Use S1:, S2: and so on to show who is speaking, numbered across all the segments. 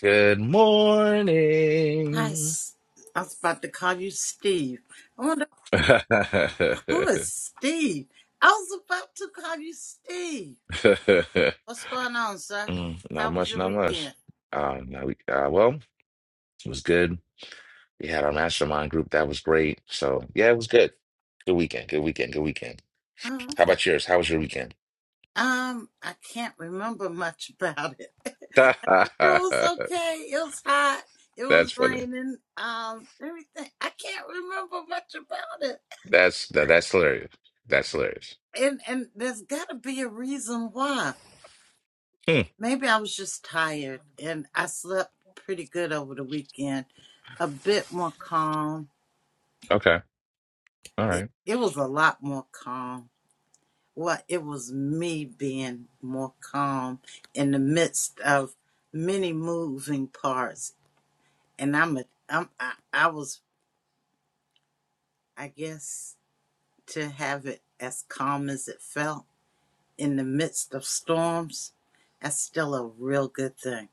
S1: Good
S2: Hi,
S1: morning.
S2: S- I was about to call you Steve. I wonder who is Steve. I was about to call you Steve. What's going on, sir?
S1: Mm, not
S2: How was
S1: much,
S2: your
S1: not much.
S2: weekend?
S1: Um, now we, uh, well, it was good. We had our mastermind group. That was great. So yeah, it was good. Good weekend. Good weekend. Good weekend.
S2: Oh,
S1: How
S2: okay.
S1: about yours? How was your weekend?
S2: Um, I can't remember much about it. It
S1: That's
S2: was okay. It was hot. It was
S1: funny.
S2: raining. Um, everything. I can't remember much about it.
S1: That's that, that's hilarious. That's hilarious.
S2: And and there's got to be a reason why.
S1: Hmm.
S2: Maybe I was just tired and I slept pretty good over the weekend. A bit more calm.
S1: Okay. All
S2: It,
S1: right.
S2: it was a lot more calm. Well, it was me being more calm in the midst of many moving parts. And I'm a, I'm, I, I was, I guess, to have it as calm as it felt in the midst of storms, that's still a real good thing.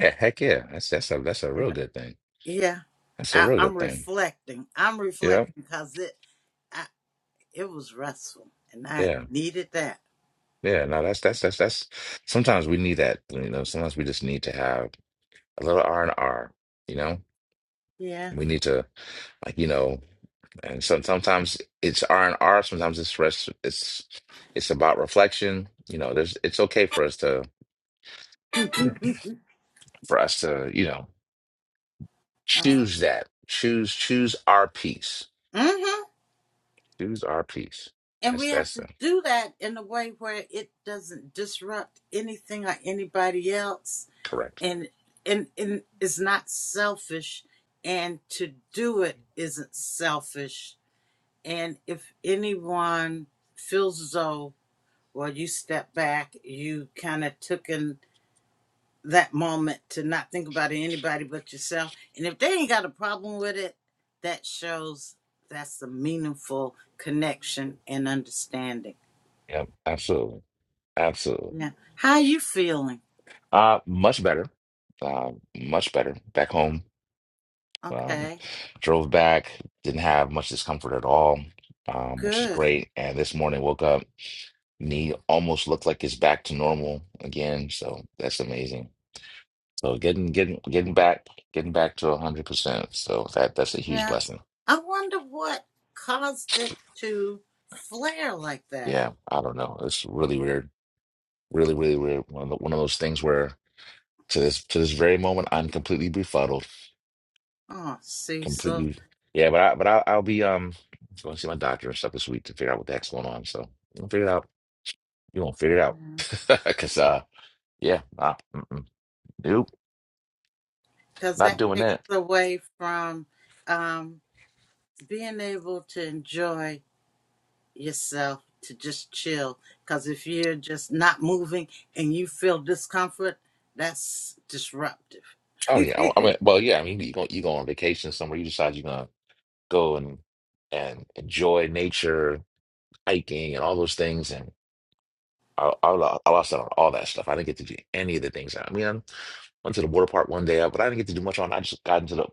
S1: Yeah, heck yeah. That's that's a that's a real good thing.
S2: Yeah,
S1: That's a
S2: I,
S1: real
S2: I'm
S1: good thing.
S2: reflecting. I'm
S1: Yeah.
S2: reflecting because it I, it was restful, and I
S1: Yeah.
S2: needed that.
S1: Yeah, no, that's that's that's that's sometimes we need that, you know, sometimes we just need to have a little R and R, you know?
S2: Yeah.
S1: We need to like, you know, and some sometimes it's R and R, sometimes it's rest it's it's about reflection, you know, there's it's okay for us to for us to, you know,
S2: oh.
S1: choose that. Choose choose our piece.
S2: Mm-hmm.
S1: Choose our piece.
S2: And
S1: That's
S2: we have
S1: that's uh,
S2: to do that in a way where it doesn't disrupt anything or anybody else,
S1: correct.
S2: and and and is not selfish, and to do it isn't selfish. And if anyone feels as though, well, you step back, you kind of took in that moment to not think about anybody but yourself. And if they ain't got a problem with it, that shows that's a meaningful connection and understanding.
S1: Yep, absolutely. Absolutely.
S2: Yeah. How you feeling?
S1: Uh much better. Uh, much better back home Um,
S2: Okay.
S1: drove back, didn't have much discomfort at all, um, which is
S2: Good.
S1: great. And this morning woke up, knee almost looked like it's back to normal again. So that's amazing. So getting getting getting back getting back to hundred percent. So that that's a huge
S2: Yeah.
S1: blessing.
S2: I wonder what caused it to flare like that.
S1: Yeah, I don't know. It's really weird, really really weird. One of, the, one of those things where to this to this very moment, I'm completely befuddled,
S2: Oh, Cecil.
S1: completely. Yeah, but I but I, I'll be um going to see my doctor and stuff this week to figure out what the heck's going on. So we'll figure it out. You gonna figure it out. Because, uh, yeah, nah, mm-mm, nope,
S2: Because
S1: not
S2: that
S1: doing
S2: takes
S1: that.
S2: away from um, being able to enjoy yourself to just chill. Because if you're just not moving and you feel discomfort, that's disruptive.
S1: Oh, yeah. I, I mean, well, yeah, I mean, you go, you go on vacation somewhere, you decide you're going to go and and enjoy nature, hiking, and all those things. And I, I, lo- I lost out on all that stuff. I didn't get to do any of the things. I mean, I went to the water park one day, but I didn't get to do much on. I just got into the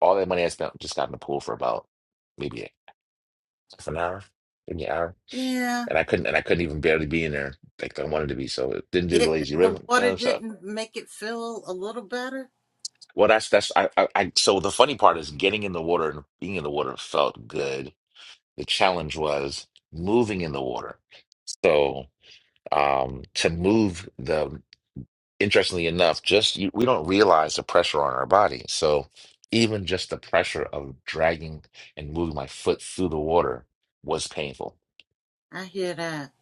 S1: all that money I spent just got in the pool for about maybe half an hour, maybe an hour,
S2: yeah.
S1: and I couldn't and I couldn't even barely be in there like I wanted to be. So it didn't do the
S2: It
S1: lazy river
S2: the water
S1: uh, stuff.
S2: didn't make it feel a little better.
S1: Well, that's that's I, I I so the funny part is getting in the water and being in the water felt good. The challenge was moving in the water. So um to move the interestingly enough, just you, we don't realize the pressure on our body. So even just the pressure of dragging and moving my foot through the water was painful.
S2: I hear that.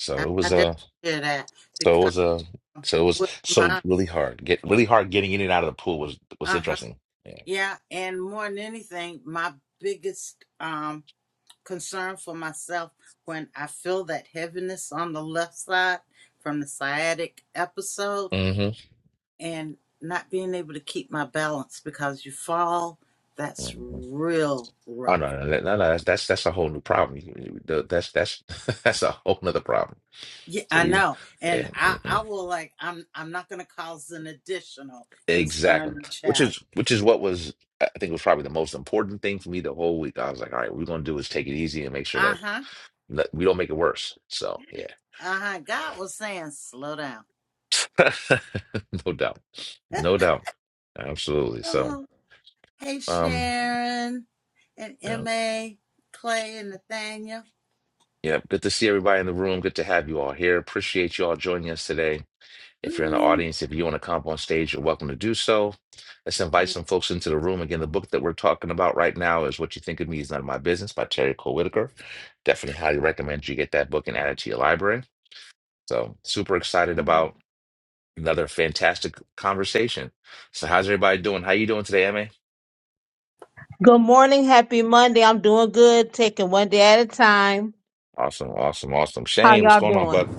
S1: So
S2: I,
S1: it
S2: I
S1: was
S2: definitely
S1: a
S2: hear that
S1: so it
S2: because
S1: was a so it was
S2: with
S1: so
S2: my
S1: really hard. Get really hard getting in and out of the pool was was
S2: uh huh
S1: interesting.
S2: yeah, and more than anything, my biggest um concern for myself when I feel that heaviness on the left side from the sciatic episode
S1: Yeah.
S2: and not being able to keep my balance because you fall, that's
S1: hmm
S2: real
S1: Oh
S2: rough.
S1: no, no, no, no, that's that's that's a whole new problem. You- you- That's that's that's a whole nother problem.
S2: Yeah,
S1: So
S2: I
S1: we,
S2: know. And
S1: yeah,
S2: I,
S1: mm-mm.
S2: I will like I'm I'm not gonna cause an additional concern
S1: exactly,
S2: and
S1: which
S2: challenge.
S1: is which is what was I think was probably the most important thing for me the whole week. I was like, all right, what we're gonna do is take it easy and make sure that
S2: Uh-huh.
S1: that we don't make it worse. So yeah,
S2: Uh-huh. God was saying slow down.
S1: no doubt, no doubt, absolutely. So
S2: Oh, hey
S1: um,
S2: Sharon and
S1: yeah,
S2: MA, Clay and Nathaniel.
S1: yeah, good to see everybody in the room. Good to have you all here. Appreciate you all joining us today. If you're in the
S2: Mm,
S1: audience, if you want to come up on stage, you're welcome to do so. Let's invite
S2: yeah.
S1: some folks into the room. Again, the book that we're talking about right now is What You Think of Me Is None of My Business by Terry Cole Whitaker. Definitely highly recommend you get that book and add it to your library. So super excited
S2: Mhm.
S1: about another fantastic conversation. So how's everybody doing? How you doing today, MA?
S3: Good morning. Happy Monday. I'm doing good. Taking one day at a time.
S1: Awesome, awesome, awesome.
S3: How
S1: Shane, what's
S3: y'all
S1: going on,
S3: doing?
S1: bud?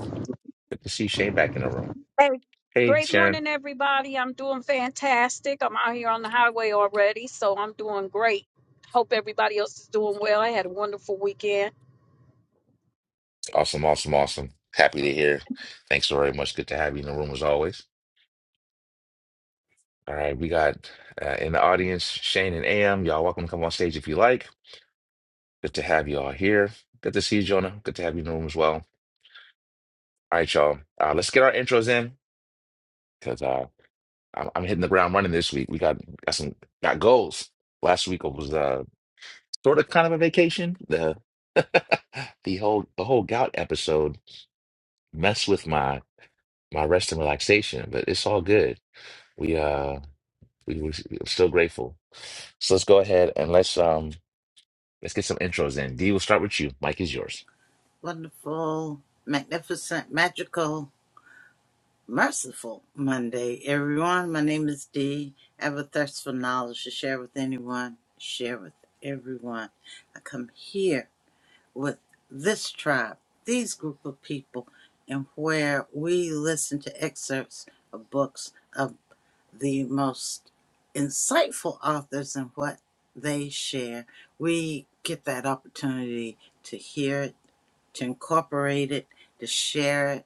S1: Good to see Shane back in the room.
S4: Hey,
S1: Hey,
S4: great
S1: Sharon.
S4: morning, everybody. I'm doing fantastic. I'm out here on the highway already, so I'm doing great. Hope everybody else is doing well. I had a wonderful weekend.
S1: Awesome, awesome, awesome. Happy to hear. Thanks so very much. Good to have you in the room as always. All right, we got uh, in the audience Shane and AM. Y'all welcome to come on stage if you like. Good to have you all here. Good to see you, Jonah. Good to have you in the room as well. All right, y'all. Uh, let's get our intros in because uh, I'm, I'm hitting the ground running this week. We got got some got goals. Last week was uh, sort of kind of a vacation. The the whole the whole gout episode messed with my my rest and relaxation, but it's all good. We uh we, we're still grateful. So let's go ahead and let's um. Let's get some intros in. D, we'll start with you. Mike is yours.
S2: Wonderful, magnificent, magical. Merciful Monday, everyone. My name is Dee. I have a thirst for knowledge to share with anyone, share with everyone. I come here with this tribe, these group of people, and where we listen to excerpts of books of the most insightful authors and what they share. We get that opportunity to hear it, to incorporate it, to share it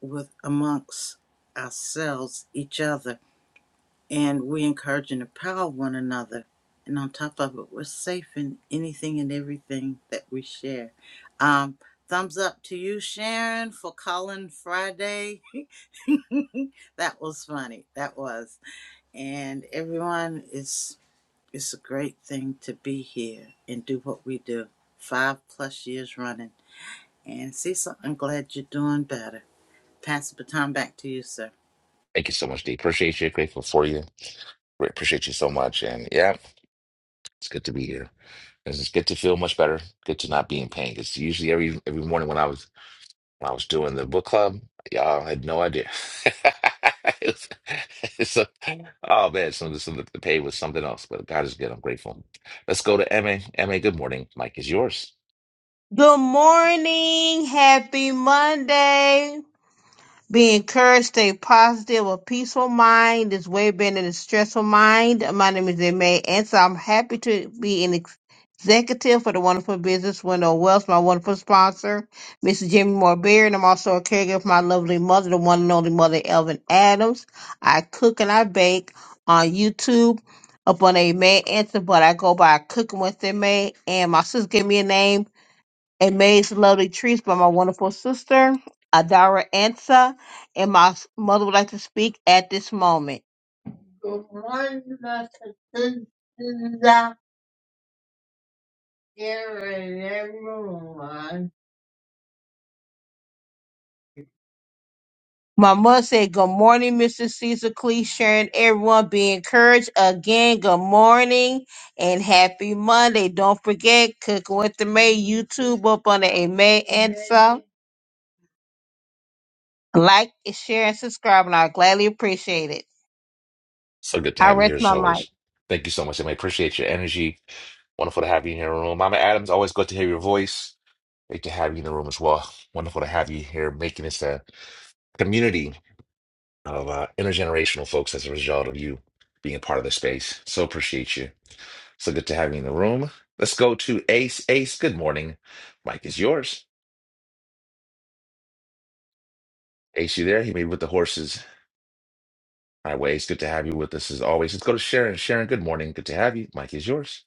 S2: with amongst ourselves, each other, and we encourage and empower one another. And on top of it, we're safe in anything and everything that we share. Um, thumbs up to you, Sharon, for calling Friday. that was funny. That was. And everyone, it's it's a great thing to be here and do what we do. Five plus years running. And Cecil, I'm glad you're doing better. Pass the baton back to you, sir.
S1: Thank you so much, D. Appreciate you. Grateful for you. Great- Appreciate you so much. And yeah, it's good to be here. It's it's good to feel much better. Good to not be in pain. Because usually every every morning when I was when I was doing the book club, y'all had no idea. It was- it's a- oh man, some, some of the pain was something else. But God is good. I'm grateful. Let's go to Emma. Emma, good morning. Mike is yours.
S3: Good morning. Happy Monday. Be encouraged, stay positive. A peaceful mind is way better than a stressful mind. My name is May and so I'm happy to be an ex- executive for the wonderful business Window Wells, my wonderful sponsor, Mrs. Jimmy Moore Beard. And I'm also a caregiver for my lovely mother, the one and only mother, Elvin Adams. I cook and I bake on YouTube up on a May answer, but I go by Cooking with May. And my sister gave me a name and Amazed Lovely Treats by my wonderful sister, Adara Ansa, and my s- mother would like to speak at this moment. Good morning, my sisters out there and everyone. My mother said, Good morning, Mr. Caesar Clee, sharing everyone be encouraged. Again, good morning and happy Monday. Don't forget, Cooking with the May YouTube up under May Ansa. Like, share, and subscribe, and I gladly appreciate it.
S1: So good to
S3: I
S1: have you here
S3: rest
S1: as
S3: my mic.
S1: always. Thank you so much, Emma. Appreciate your energy Wonderful to have you in the room. Mama Adams, always good to hear your voice. Great to have you in the room as well. Wonderful to have you here, making this a community of uh, intergenerational folks as a result of you being a part of the space. So appreciate you. So good to have you in the room. Let's go to Ace. Ace, good morning. Mike is yours. Ace, you there? He may be with the horses. Highways. good to have you with us as always. Let's go to Sharon. Sharon, good morning. Good to have you. Mike is yours.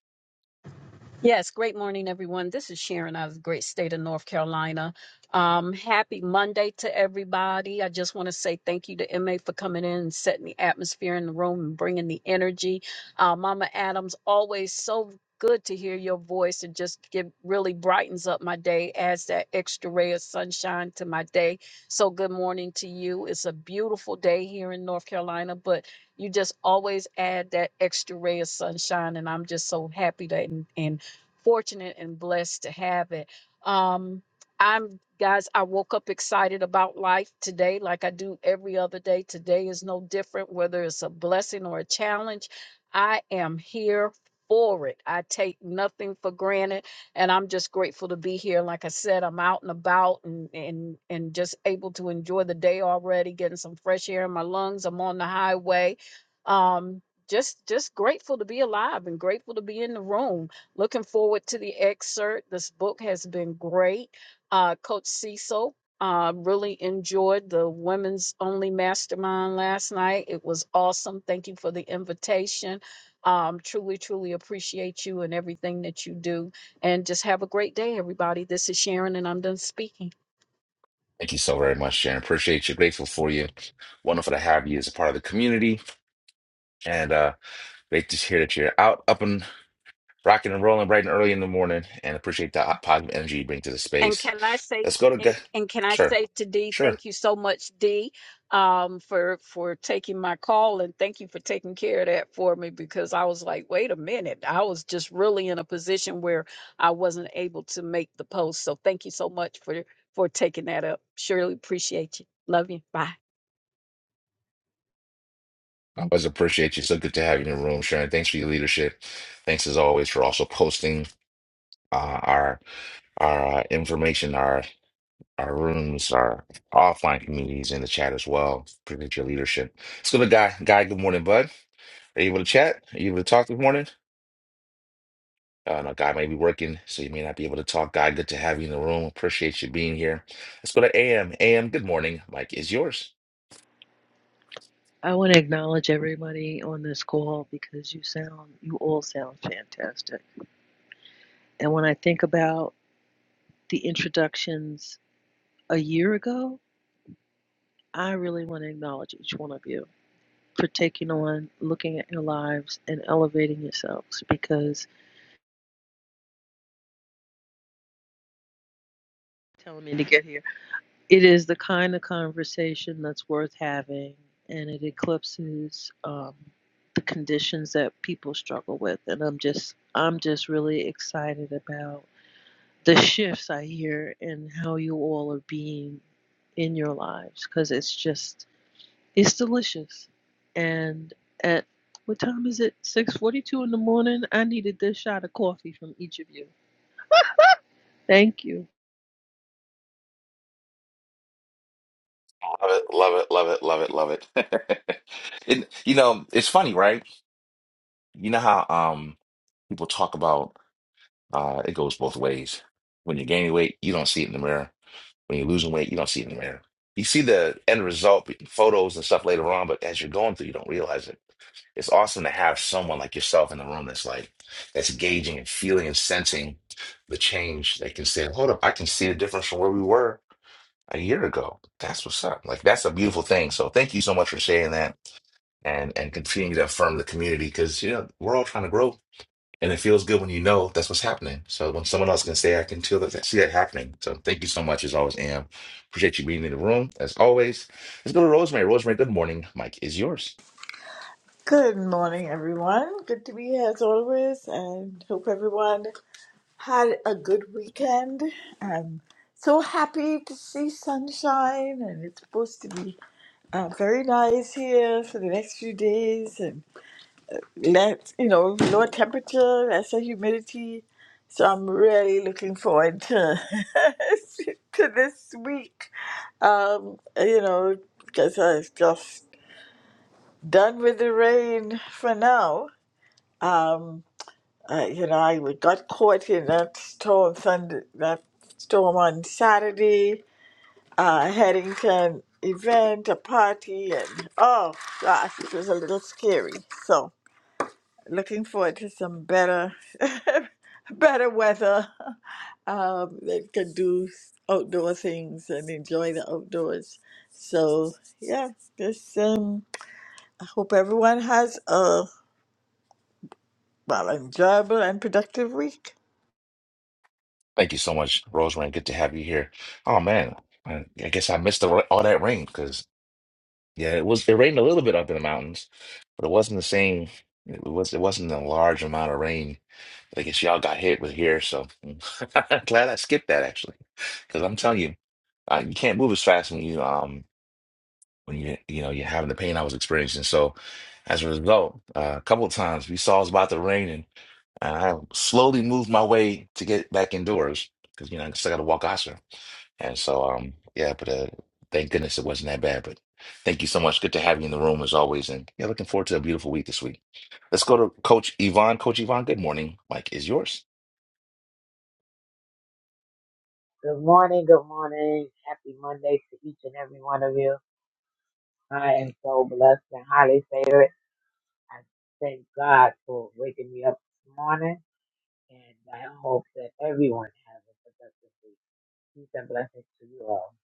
S4: Yes, great morning, everyone. This is Sharon out of the great state of North Carolina. Um, happy Monday to everybody. I just want to say thank you to MA for coming in and setting the atmosphere in the room and bringing the energy. Uh, Mama Adams, always so good to hear your voice and just give really brightens up my day, adds that extra ray of sunshine to my day. So, good morning to you. It's a beautiful day here in North Carolina, but you just always add that extra ray of sunshine and i'm just so happy that and, and fortunate and blessed to have it. Um, I'm guys, I woke up excited about life today, like I do every other day. Today is no different, whether it's a blessing or a challenge. I am here for it. I take nothing for granted, and I'm just grateful to be here. Like I said, I'm out and about and and and just able to enjoy the day already, getting some fresh air in my lungs. I'm on the highway. Um, just just grateful to be alive and grateful to be in the room Looking forward to the excerpt. This book has been great. Uh, Coach Cecil, uh, really enjoyed the women's only mastermind last night. It was awesome. Thank you for the invitation. Um, truly, truly appreciate you and everything that you do. And just have a great day, everybody. This is Sharon, and I'm done speaking.
S1: Thank you so very much, Sharon. Appreciate you. Grateful for you. Wonderful to have you as a part of the community. And uh, Great to hear that you're out, up and rocking and rolling bright and early in the morning, and appreciate the positive energy you bring to the
S4: And
S1: space.
S4: can I say
S1: Let's go to
S4: and,
S1: Ga-
S4: and can I
S1: sure,
S4: say to D,
S1: sure.
S4: thank you so much, D, um, for for taking my call and thank you for taking care of that for me because I was like, wait a minute, I was just really in a position where I wasn't able to make the post. So thank you so much for for taking that up. Surely appreciate you. Love you. Bye.
S1: I always appreciate you. So good to have you in the room, Sharon. Thanks for your leadership. Thanks as always for also posting uh, our our uh, information, our our rooms, our offline communities in the chat as well. Appreciate your leadership. Let's go to Guy. Guy, good morning, bud. Are you able to chat? Are you able to talk this morning? Uh, no, guy may be working, so you may not be able to talk. Guy, good to have you in the room. Appreciate you being here. Let's go to AM. AM, good morning. Mike is yours.
S5: I want to acknowledge everybody on this call because you sound, you all sound fantastic. And when I think about the introductions a year ago, I really want to acknowledge each one of you for taking on, looking at your lives, and elevating yourselves because telling me to get here. It is the kind of conversation that's worth having and it eclipses um, the conditions that people struggle with. And I'm just, I'm just really excited about the shifts I hear and how you all are being in your lives because it's just it's delicious. And at what time is it? Six forty-two in the morning. I needed this shot of coffee from each of you. Thank you.
S1: Love it, love it, love it, love it, love it. And you know, it's funny, right? You know how um people talk about uh it goes both ways. When you're gaining weight, you don't see it in the mirror. When you're losing weight, you don't see it in the mirror. You see the end result, photos and stuff later on, but as you're going through, you don't realize it. it's awesome to have someone like yourself in the room that's like that's gauging and feeling and sensing the change They can say hold up i can see the difference from where we were a year ago that's what's up like that's a beautiful thing so thank you so much for sharing that and and continuing to affirm the community because you know we're all trying to grow and it feels good when you know that's what's happening so when someone else can say i can feel that see that happening so thank you so much as always am appreciate you being in the room as always let's go to rosemary rosemary good morning mike is yours
S6: Good morning, everyone. Good to be here as always, and hope everyone had a good weekend. I'm so happy to see sunshine, and it's supposed to be uh, very nice here for the next few days, and let you know lower temperature, lesser humidity. So I'm really looking forward to to this week. Um, you know, because I was just done with the rain for now. Um, Uh, you know, I got caught in that storm, thunder, that storm on Saturday, uh, Headington event, a party, and oh gosh, it was a little scary. So, looking forward to some better, better weather um, that can do outdoor things and enjoy the outdoors. So, yeah, just um, I hope everyone has a well enjoyable and productive week.
S1: Thank you so much, Rosemary. Good to have you here. Oh man, I, I guess I missed the, ra- all that rain because yeah, it was it rained a little bit up in the mountains, but it wasn't the same. It was it wasn't a large amount of rain. that I guess y'all got hit with here, so glad I skipped that actually, because I'm telling you, I, you can't move as fast when you um when you you know you're having the pain I was experiencing. So as a result, uh, a couple of times we saw it was about to rain, and I slowly moved my way to get back indoors because you know I still got to walk Oscar. And so, um, yeah, but uh, thank goodness it wasn't that bad. But thank you so much. Good to have you in the room as always. And yeah, looking forward to a beautiful week this week. Let's go to Coach Yvonne. Coach Yvonne, good morning. Mike is yours.
S7: Good morning, good morning. Happy Monday to each and every one of you. I am so blessed and highly favored. I thank God for waking me up this morning, and I hope that everyone has a productive week. Peace and blessings to you all.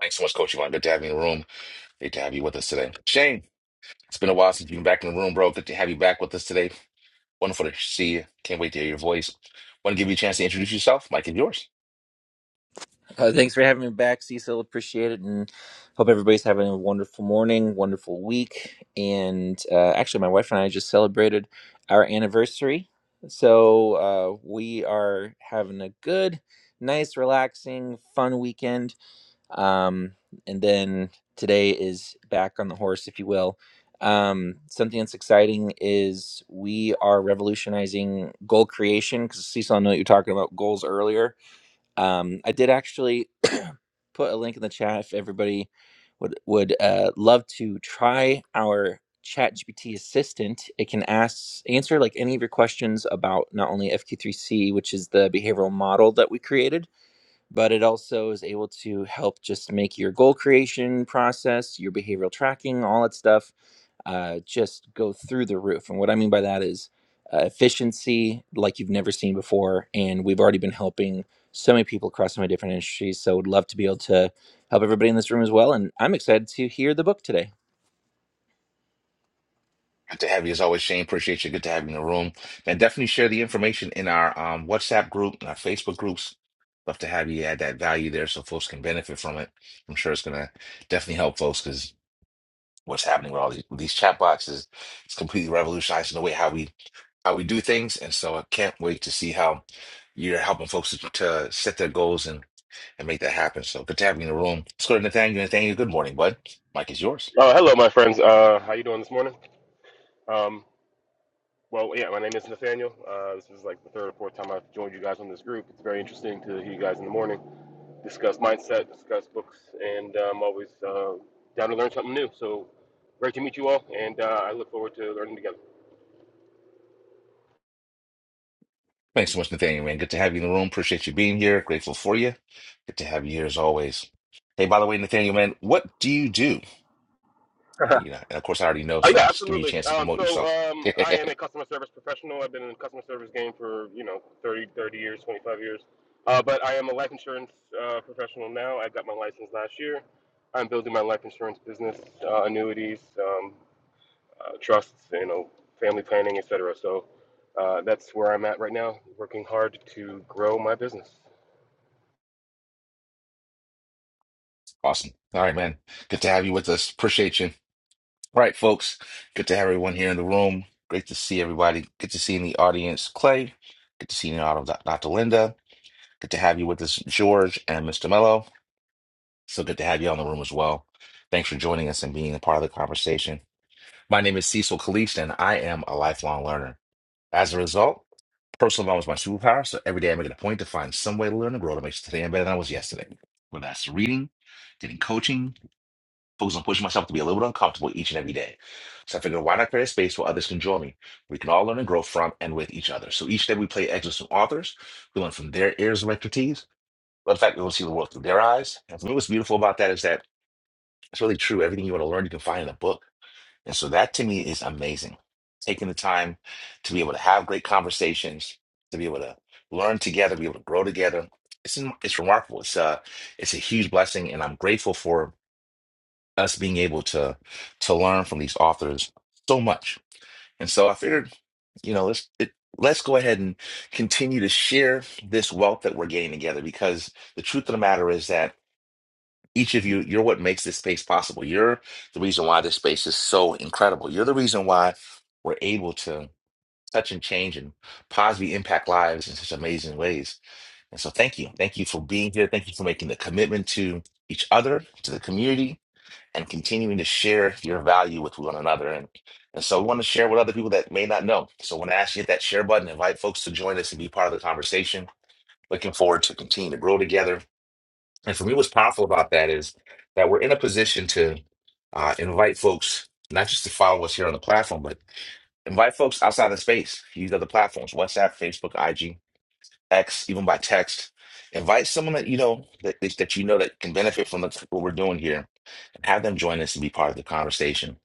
S1: Thanks so much, Coach Yvonne. Good to have you in the room. Great to have you with us today. Shane, it's been a while since you've been back in the room, bro. Good to have you back with us today. Wonderful to see you. Can't wait to hear your voice. Want to give you a chance to introduce yourself. Mike is yours.
S8: Uh, thanks for having me back, Cecil. Appreciate it, and hope everybody's having a wonderful morning, wonderful week. And uh, actually, my wife and I just celebrated our anniversary, so uh, we are having a good, nice, relaxing, fun weekend. Um, and then today is back on the horse, if you will. Um, something that's exciting is we are revolutionizing goal creation because Cecil, I know that you were talking about goals earlier um, I did actually put a link in the chat if everybody would would uh, love to try our ChatGPT assistant it can ask answer like any of your questions about not only fq3c which is the behavioral model that we created but it also is able to help just make your goal creation process, your behavioral tracking, all that stuff, uh, just go through the roof. And what I mean by that is uh, efficiency like you've never seen before. And we've already been helping so many people across so many different industries. So would love to be able to help everybody in this room as well. And I'm excited to hear the book today.
S1: Good to have you as always, Shane. Appreciate you. Good to have you in the room. And definitely share the information in our um, WhatsApp group and our Facebook groups. Love to have you add that value there so folks can benefit from it. I'm sure it's going to definitely help folks because what's happening with all these, with these chat boxes is completely revolutionizing the way how we how we do things. And so I can't wait to see how you're helping folks to, to set their goals and, and make that happen. So good to have you in the room. Let's go to Nathaniel. Nathaniel, good morning, bud. Mike is yours.
S9: Oh, hello, my friends. Uh, how you doing this morning? Um, well, yeah, my name is Nathaniel. Uh, this is like the third or fourth time I've joined you guys on this group. It's very interesting to hear you guys in the morning discuss mindset, discuss books, and I'm always uh, down to learn something new. So great to meet you all, and uh, I look forward to learning together.
S1: Thanks so much, Nathaniel, man. Good to have you in the room. Appreciate you being here. Grateful for you. Good to have you here as always. Hey, by the way, Nathaniel, man, what do you do? Uh, you know, and of course, I already know,
S9: Oh
S1: so
S9: yeah,
S1: just give me a
S9: absolutely.
S1: chance to
S9: Um,
S1: promote
S9: so
S1: yourself.
S9: um, I am a customer service professional. I've been in the customer service game for you know 30, 30 years, 25 years. Uh, but I am a life insurance uh, professional now. I got my license last year. I'm building my life insurance business, uh, annuities, um, uh, trusts, you know, family planning, etc. So uh, that's where I'm at right now, working hard to grow my business.
S1: Awesome. All right, man. Good to have you with us. Appreciate you. All right, folks. Good to have everyone here in the room. Great to see everybody. Good to see in the audience, Clay. Good to see you in the audience, Dr. Linda. Good to have you with us, George and Mr. Mello. So good to have you on the room as well. Thanks for joining us and being a part of the conversation. My name is Cecil Caliste, and I am a lifelong learner. As a result, personal development is my superpower, so every day I make it a point to find some way to learn and grow to make sure today better than I was yesterday. Whether that's reading, getting coaching, focus on pushing myself to be a little bit uncomfortable each and every day. So I figured, why not create a space where others can join me? We can all learn and grow from and with each other. So each day we play excerpts from authors, we learn from their areas of expertise, but in fact, we will see the world through their eyes. And for me, what's beautiful about that is that it's really true. Everything you want to learn, you can find in a book. And so that to me is amazing. Taking the time to be able to have great conversations, to be able to learn together, be able to grow together. It's it's remarkable. It's uh it's a huge blessing, and I'm grateful for us being able to to learn from these authors so much. And so I figured, you know, let's it, let's go ahead and continue to share this wealth that we're gaining together because the truth of the matter is that each of you, you're what makes this space possible. You're the reason why this space is so incredible. You're the reason why we're able to touch and change and positively impact lives in such amazing ways. And so, thank you. Thank you for being here. Thank you for making the commitment to each other, to the community, and continuing to share your value with one another. And, and so, we want to share with other people that may not know. So, I want to ask you to hit that share button, invite folks to join us and be part of the conversation. Looking forward to continue to grow together and for me, what's powerful about that is that we're in a position to uh, invite folks, not just to follow us here on the platform, but invite folks outside of space. Use other platforms, WhatsApp, Facebook, IG, X, even by text. Invite someone that you know that, that you know that can benefit from the, what we're doing here, and have them join us and be part of the conversation.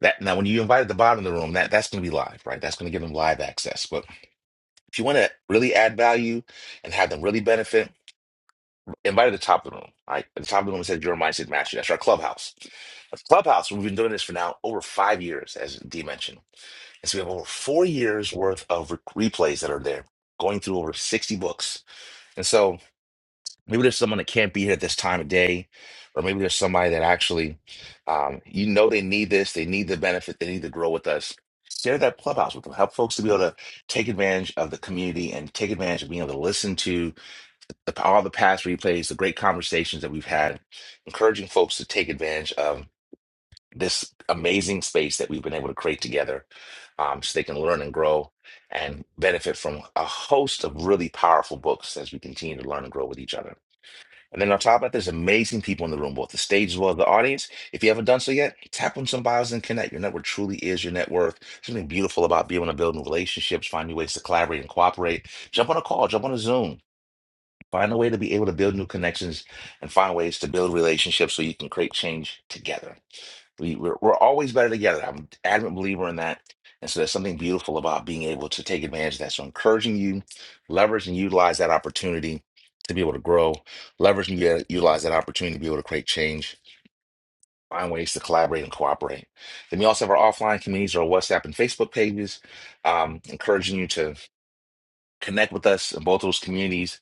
S1: That now, when you invite at the bottom of the room, that that's going to be live, right? That's going to give them live access. But if you want to really add value and have them really benefit, invite to the top of the room. All right. At the top of the room, it says Your Mindset Mastery. That's our clubhouse. A clubhouse, we've been doing this for now over five years, as D mentioned. And so we have over four years worth of re- replays that are there, going through over 60 books. And so maybe there's someone that can't be here at this time of day, or maybe there's somebody that actually, um, you know, they need this, they need the benefit, they need to grow with us. Share that clubhouse with them. Help folks to be able to take advantage of the community and take advantage of being able to listen to the, all the past replays, the great conversations that we've had, encouraging folks to take advantage of this amazing space that we've been able to create together um, so they can learn and grow and benefit from a host of really powerful books as we continue to learn and grow with each other. And then on top of that, there's amazing people in the room, both the stage as well as the audience. If you haven't done so yet, tap on some bios and connect. Your network truly is your net worth. Something beautiful about being able to build new relationships, find new ways to collaborate and cooperate. Jump on a call, jump on a Zoom Find a way to be able to build new connections and find ways to build relationships so you can create change together. We, we're, we're always better together. I'm an adamant believer in that. And so there's something beautiful about being able to take advantage of that. So encouraging you, leverage and utilize that opportunity to be able to grow, leverage and u- utilize that opportunity to be able to create change, find ways to collaborate and cooperate. Then we also have our offline communities, our WhatsApp and Facebook pages, um, encouraging you to connect with us in both those communities.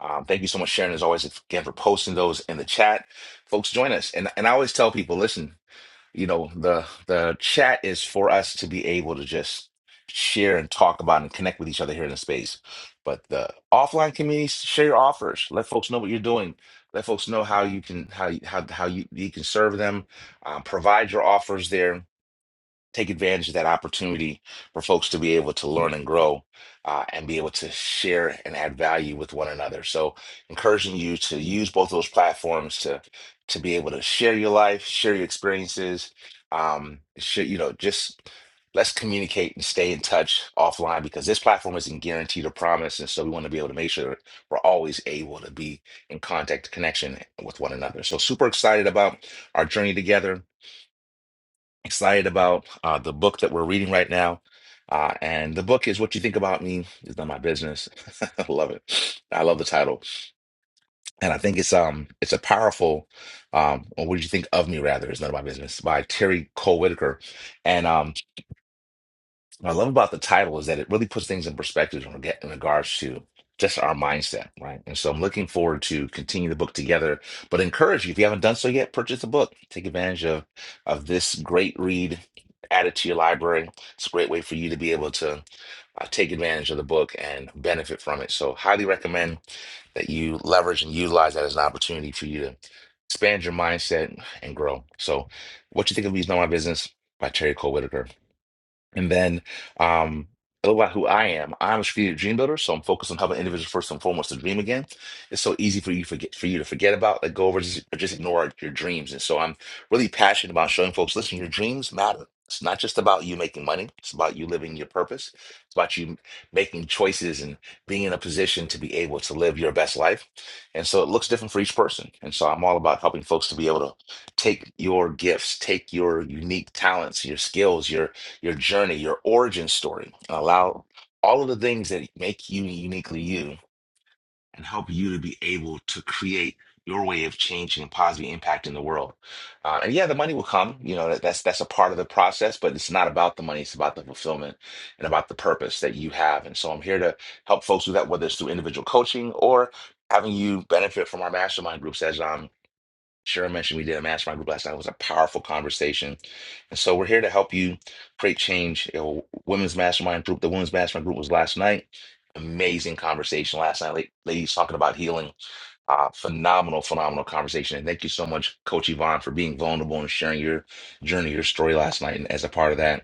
S1: Um, thank you so much, Sharon, as always, again for posting those in the chat. Folks, join us. And and I always tell people, listen, you know, the the chat is for us to be able to just share and talk about and connect with each other here in the space. But the offline communities, share your offers. Let folks know what you're doing. Let folks know how you can how you- how how you, you can serve them. Um, provide your offers there take advantage of that opportunity for folks to be able to learn and grow uh, and be able to share and add value with one another. So, encouraging you to use both those platforms to to be able to share your life, share your experiences, um, share, you know, just let's communicate and stay in touch offline because this platform isn't guaranteed or promised, and so we want to be able to make sure we're always able to be in contact, connection with one another. So, super excited about our journey together excited about uh, the book that we're reading right now. Uh, and the book is What You Think About Me Is None of My Business. I love it. I love the title. And I think it's um it's a powerful um or what did you think of me rather is none of my business by Terry Cole Whitaker. And um what I love about the title is that it really puts things in perspective in reg- in regards to just our mindset, right? And so I'm looking forward to continue the book together, but encourage you if you haven't done so yet, purchase the book. Take advantage of of this great read. Add it to your library. It's a great way for you to be able to uh, take advantage of the book and benefit from it. So, highly recommend that you leverage and utilize that as an opportunity for you to expand your mindset and grow. So, what you think of me is not my business by Terry Cole Whitaker. And then um, a little about who I am. I'm a strategic dream builder, so I'm focused on helping individuals first and foremost to dream again. It's so easy for you forget for you to forget about, like go over, just, or just ignore your dreams. And so I'm really passionate about showing folks, listen, your dreams matter. It's not just about you making money. It's about you living your purpose. It's about you making choices and being in a position to be able to live your best life. And so it looks different for each person. And so I'm all about helping folks to be able to take your gifts, take your unique talents, your skills, your your journey, your origin story, and allow all of the things that make you uniquely you and help you to be able to create your way of changing and positively impacting the world. Uh, and yeah, the money will come. You know, that, that's that's a part of the process, but it's not about the money. It's about the fulfillment and about the purpose that you have. And so I'm here to help folks do that, whether it's through individual coaching or having you benefit from our mastermind groups, As I'm. Cheryl mentioned we did a mastermind group last night. It was a powerful conversation. And so we're here to help you create change. You know, women's mastermind group, the women's mastermind group was last night. Amazing conversation last night. La- Ladies talking about healing. Uh, phenomenal, phenomenal conversation. And thank you so much, Coach Yvonne, for being vulnerable and sharing your journey, your story last night and as a part of that.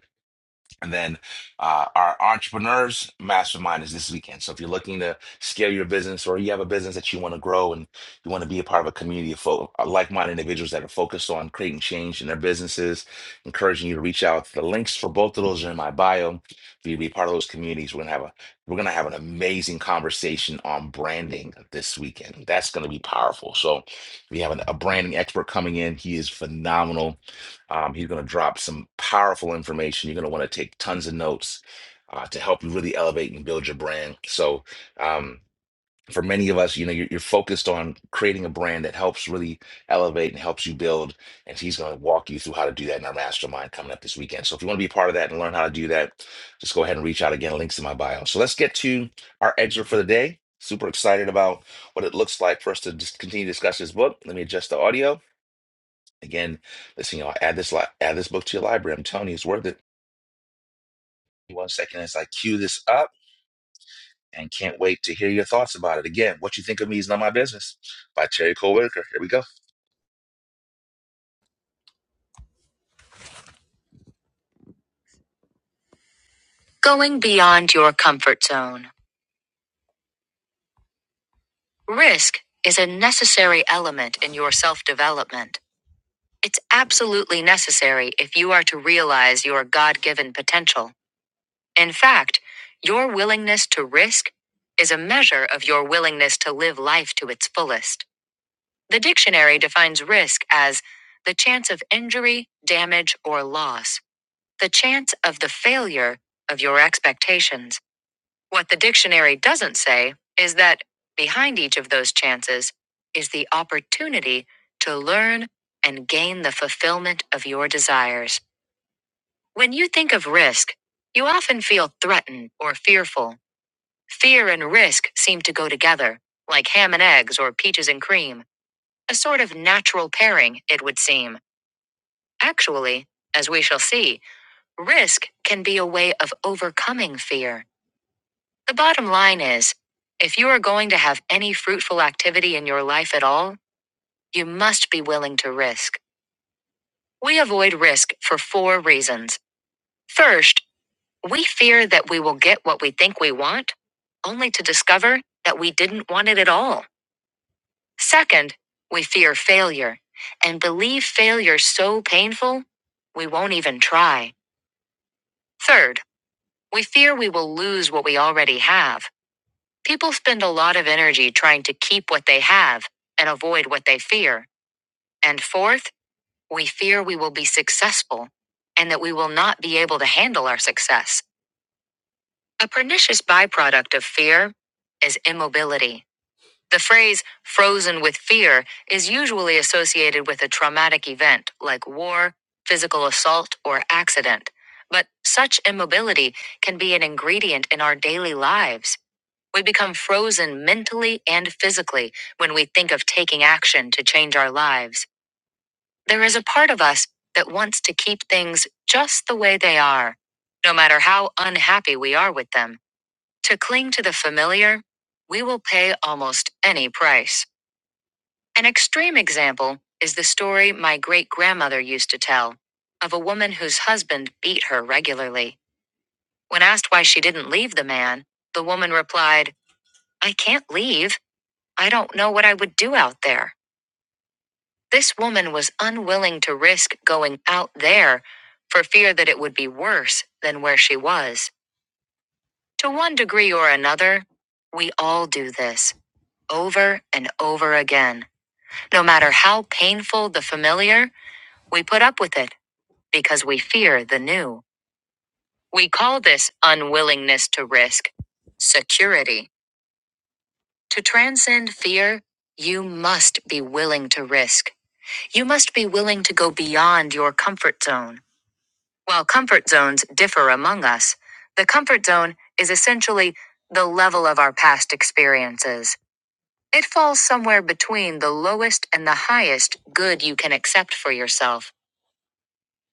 S1: And then uh, our entrepreneurs mastermind is this weekend. So if you're looking to scale your business or you have a business that you want to grow and you want to be a part of a community of fo- uh, like-minded individuals that are focused on creating change in their businesses, encouraging you to reach out. The links for both of those are in my bio. For you to be a part of those communities, we're gonna have a we're gonna have an amazing conversation on branding this weekend. That's gonna be powerful. So we have an- a branding expert coming in. He is phenomenal um, he's going to drop some powerful information. You're going to want to take tons of notes uh, to help you really elevate and build your brand. So, um, for many of us, you know, you're, you're focused on creating a brand that helps really elevate and helps you build. And he's going to walk you through how to do that in our mastermind coming up this weekend. So, if you want to be part of that and learn how to do that, just go ahead and reach out again. Links in my bio. So, let's get to our excerpt for the day. Super excited about what it looks like for us to just continue to discuss this book. Let me adjust the audio. Again, listen, y'all, add this li- add this book to your library. I'm telling you, it's worth it. One second as I cue this up and can't wait to hear your thoughts about it. Again, What You Think of Me is Not My Business by Terry Cole Whitaker. Here we go. Going beyond your comfort zone. Risk is a necessary element in your self development. It's absolutely necessary if you are to realize your God given potential. In fact, your willingness to risk is a measure of your willingness to live life to its fullest. The dictionary defines risk as the chance of injury, damage, or loss, the chance of the failure of your expectations. What the dictionary doesn't say is that behind each of those chances is the opportunity to learn and gain the fulfillment of your desires. When you think of risk, you often feel threatened or fearful. Fear and risk seem to go together, like ham and eggs or peaches and cream. A sort of natural pairing, it would seem. Actually, as we shall see, risk can be a way of overcoming fear. The bottom line is if you are going to have any fruitful activity in your life at all, you must be willing to risk. We avoid risk for four reasons. First, we fear that we will get what we think we want, only to discover that we didn't want it at all. Second, we fear failure and believe failure so painful we won't even try. Third, we fear we will lose what we already have. People spend a lot of energy trying to keep what they have and avoid what they fear. And fourth, we fear we will be successful and that we will not be able to handle our success. A pernicious byproduct of fear is immobility. The phrase frozen with fear is usually associated with a traumatic event like war, physical assault, or accident. But such immobility can be an ingredient in our daily lives. We become frozen mentally and physically when we think of taking action to change our lives. There is a part of us that wants to keep things just the way they are, no matter how unhappy we are with them. To cling to the familiar, we will pay almost any price. An extreme example is the story my great grandmother used to tell of a woman whose husband beat her regularly. When asked why she didn't leave the man, the woman replied, I can't leave. I don't know what I would do out there. This woman was unwilling to risk going out there for fear that it would be worse than where she was. To one degree or another, we all do this over and over again. No matter how painful the familiar, we put up with it because we fear the new. We call this unwillingness to risk security. To transcend fear, you must be willing to risk. You must be willing to go beyond your comfort zone. While comfort zones differ among us, the comfort zone is essentially the level of our past experiences. It falls somewhere between the lowest and the highest good you can accept for yourself.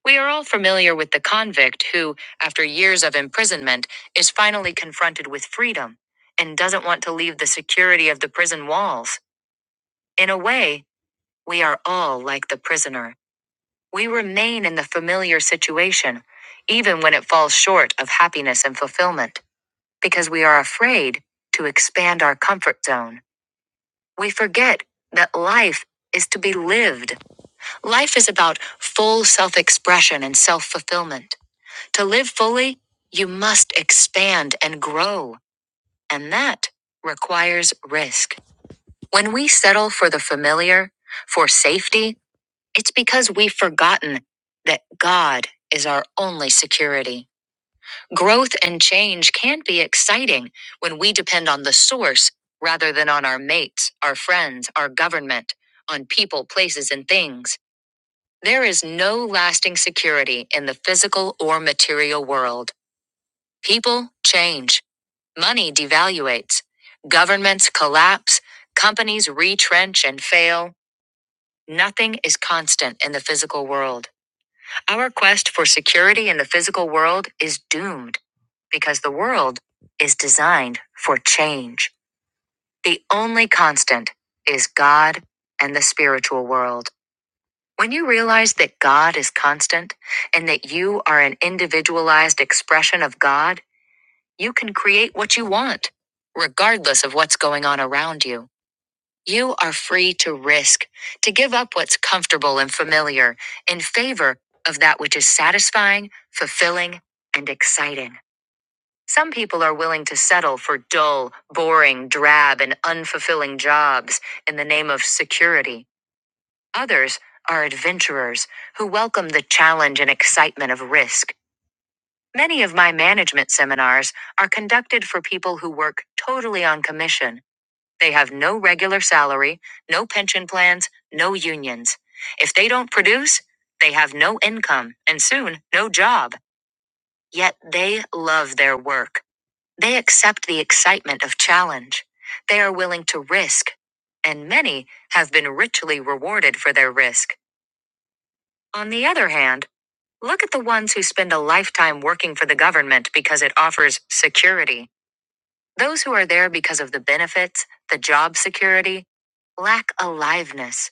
S1: We are all familiar with the convict who, after years of imprisonment, is finally confronted with freedom and doesn't want to leave the security of the prison walls. In a way, we are all like the prisoner. We remain in the familiar situation, even when it falls short of happiness and fulfillment, because we are afraid to expand our comfort zone. We forget that life is to be lived. Life is about full self expression and self fulfillment. To live fully, you must expand and grow, and that requires risk. When we settle for the familiar, for safety, it's because we've forgotten that God is our only security. Growth and change can be exciting when we depend on the source rather than on our mates, our friends, our government, on people, places, and things. There is no lasting security in the physical or material world. People change. Money devaluates. Governments collapse. Companies retrench and fail. Nothing is constant in the physical world. Our quest for security in the physical world is doomed because the world is designed for change. The only constant is God and the spiritual world. When you realize that God is constant and that you are an individualized expression of God, You can create what you want, regardless of what's going on around you. You are free to risk, to give up what's comfortable and familiar in favor of that which is satisfying, fulfilling, and exciting. Some people are willing to settle for dull, boring, drab, and unfulfilling jobs in the name of security. Others are adventurers who welcome the challenge and excitement of risk. Many of my management seminars are conducted for people who work totally on commission. They have no regular salary, no pension plans, no unions. If they don't produce, they have no income and soon no job. Yet they love their work. They accept the excitement of challenge. They are willing to risk. And many have been richly rewarded for their risk. On the other hand, Look at the ones who spend a lifetime working for the government because it offers security. Those who are there because of the benefits, the job security, lack aliveness.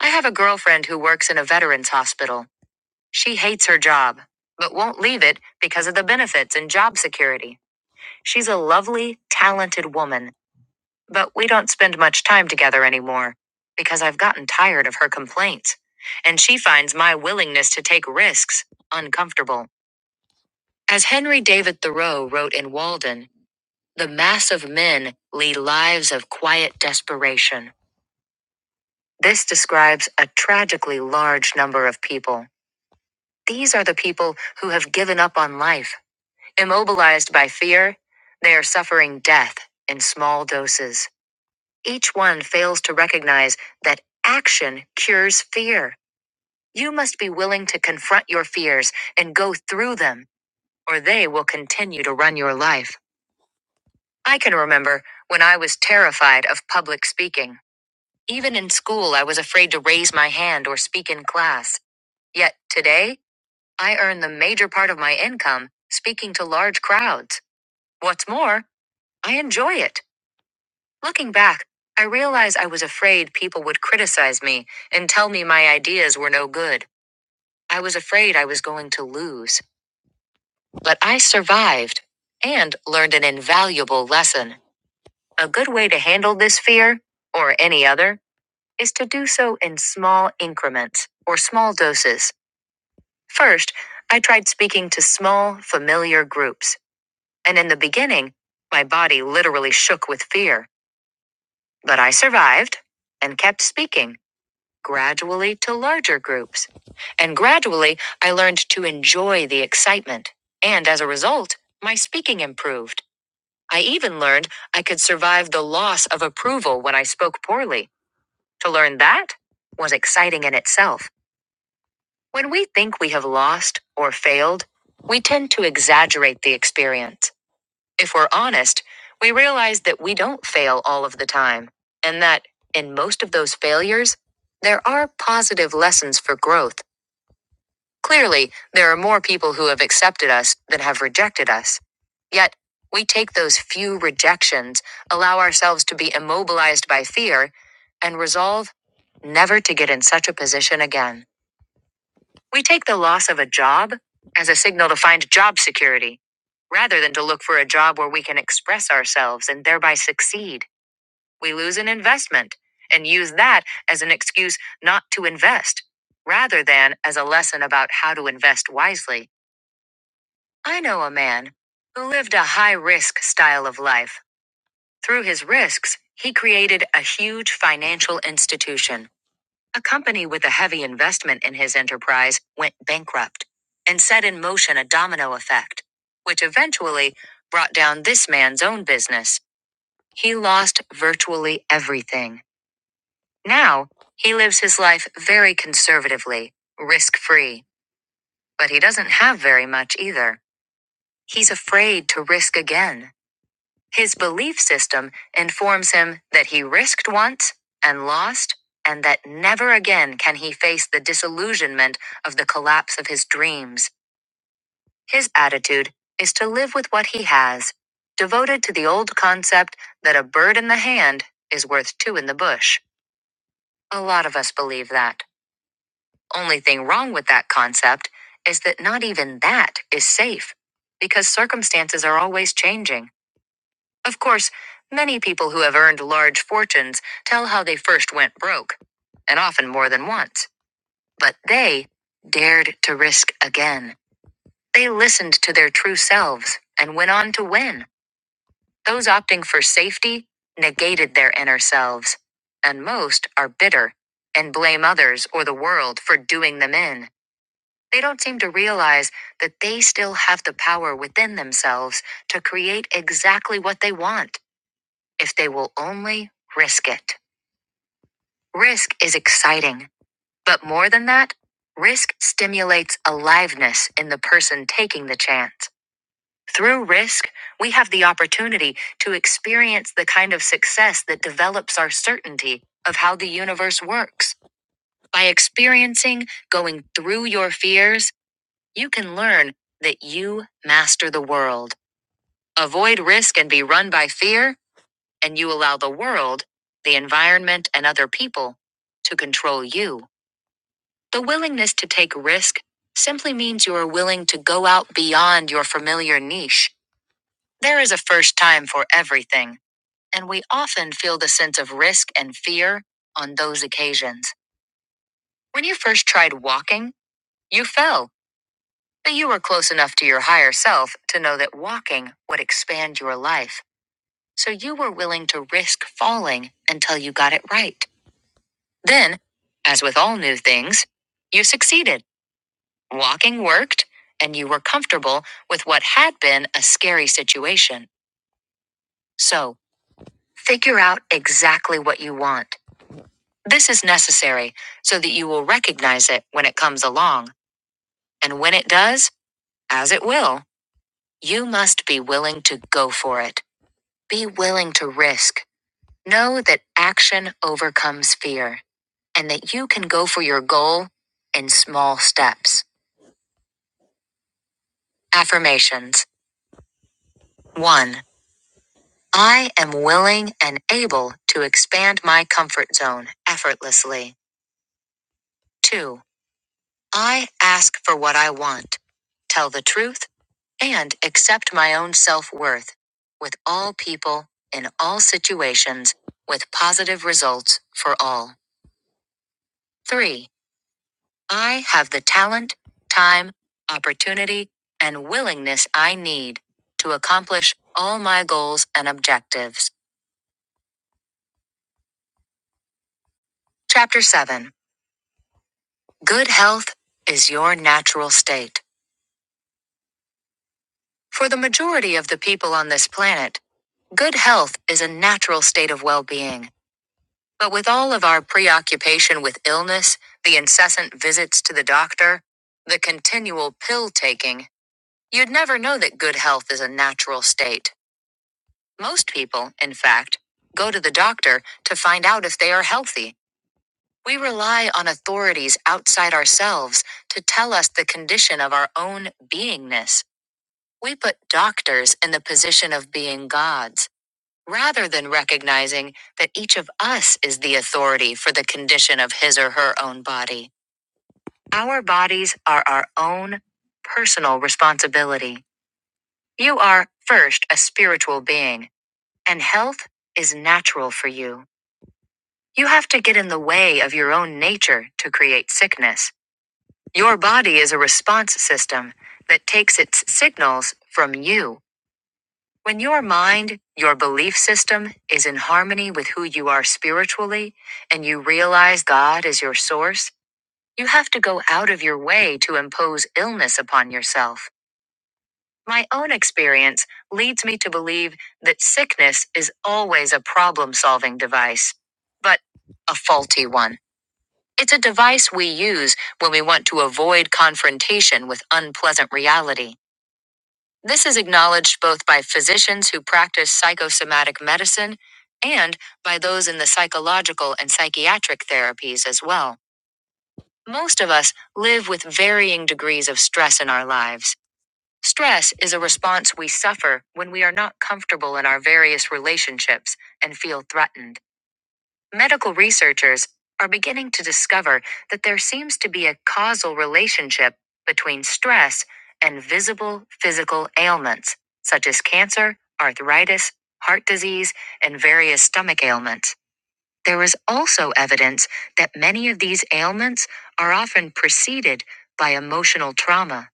S1: I have a girlfriend who works in a veterans hospital. She hates her job, but won't leave it because of the benefits and job security. She's a lovely, talented woman, but we don't spend much time together anymore because I've gotten tired of her complaints. And she finds my willingness to take risks uncomfortable. As Henry David Thoreau wrote in Walden, the mass of men lead lives of quiet desperation. This describes a tragically large number of people. These are the people who have given up on life. Immobilized by fear, they are suffering death in small doses. Each one fails to recognize that action cures fear. You must be willing to confront your fears and go through them, or they will continue to run your life. I can remember when I was terrified of public speaking. Even in school, I was afraid to raise my hand or speak in class. Yet today, I earn the major part of my income speaking to large crowds. What's more, I enjoy it. Looking back, I realize I was afraid people would criticize me and tell me my ideas were no good. I was afraid I was going to lose. But I survived and learned an invaluable lesson. A good way to handle this fear, or any other, is to do so in small increments or small doses. First, I tried speaking to small, familiar groups, and in the beginning, my body literally shook with fear. But I survived and kept speaking, gradually to larger groups. And gradually, I learned to enjoy the excitement. And as a result, my speaking improved. I even learned I could survive the loss of approval when I spoke poorly. To learn that was exciting in itself. When we think we have lost or failed, we tend to exaggerate the experience. If we're honest, we realize that we don't fail all of the time, and that in most of those failures, there are positive lessons for growth. Clearly, there are more people who have accepted us than have rejected us. Yet, we take those few rejections, allow ourselves to be immobilized by fear, and resolve never to get in such a position again. We take the loss of a job as a signal to find job security. Rather than to look for a job where we can express ourselves and thereby succeed, we lose an investment and use that as an excuse not to invest, rather than as a lesson about how to invest wisely. I know a man who lived a high risk style of life. Through his risks, he created a huge financial institution. A company with a heavy investment in his enterprise went bankrupt and set in motion a domino effect, which eventually brought down this man's own business. He lost virtually everything. Now, he lives his life very conservatively, risk free, but he doesn't have very much either. He's afraid to risk again. His belief system informs him that he risked once and lost, and that never again can he face the disillusionment of the collapse of his dreams. His attitude is to live with what he has, devoted to the old concept that a bird in the hand is worth two in the bush. A lot of us believe that. Only thing wrong with that concept is that not even that is safe, because circumstances are always changing. Of course, many people who have earned large fortunes tell how they first went broke, and often more than once. But they dared to risk again. They listened to their true selves and went on to win. Those opting for safety negated their inner selves. And most are bitter and blame others or the world for doing them in. They don't seem to realize that they still have the power within themselves to create exactly what they want if they will only risk it. Risk is exciting, but more than that, risk stimulates aliveness in the person taking the chance. Through risk, we have the opportunity to experience the kind of success that develops our certainty of how the universe works. By experiencing going through your fears, you can learn that you master the world. Avoid risk and be run by fear and you allow the world, the environment, and other people to control you. The willingness to take risk simply means you are willing to go out beyond your familiar niche. There is a first time for everything, and we often feel the sense of risk and fear on those occasions. When you first tried walking, you fell, but you were close enough to your higher self to know that walking would expand your life. So you were willing to risk falling until you got it right. Then, as with all new things, you succeeded. Walking worked, and you were comfortable with what had been a scary situation. So, figure out exactly what you want. This is necessary so that you will recognize it when it comes along. And when it does, as it will, you must be willing to go for it. Be willing to risk. Know that action overcomes fear and that you can go for your goal in small steps. Affirmations. 1. I am willing and able to expand my comfort zone effortlessly. 2. I ask for what I want, tell the truth, and accept my own self worth with all people, in all situations, with positive results for all. 3. I have the talent, time, opportunity, and willingness I need to accomplish all my goals and objectives. Chapter 7. Good health is your natural state. For the majority of the people on this planet, good health is a natural state of well being. But with all of our preoccupation with illness, the incessant visits to the doctor, the continual pill taking, you'd never know that good health is a natural state. Most people, in fact, go to the doctor to find out if they are healthy. We rely on authorities outside ourselves to tell us the condition of our own beingness. We put doctors in the position of being gods, rather than recognizing that each of us is the authority for the condition of his or her own body. Our bodies are our own personal responsibility. You are, first, a spiritual being, and health is natural for you. You have to get in the way of your own nature to create sickness. Your body is a response system that takes its signals from you When your mind, your belief system, is in harmony with who you are spiritually, and you realize God is your source, you have to go out of your way to impose illness upon yourself. My own experience leads me to believe that sickness is always a problem solving device, but a faulty one. It's a device we use when we want to avoid confrontation with unpleasant reality. This is acknowledged both by physicians who practice psychosomatic medicine and by those in the psychological and psychiatric therapies as well. Most of us live with varying degrees of stress in our lives. Stress is a response we suffer when we are not comfortable in our various relationships and feel threatened. Medical researchers are beginning to discover that there seems to be a causal relationship between stress and visible physical ailments, such as cancer, arthritis, heart disease, and various stomach ailments. There is also evidence that many of these ailments are often preceded by emotional trauma.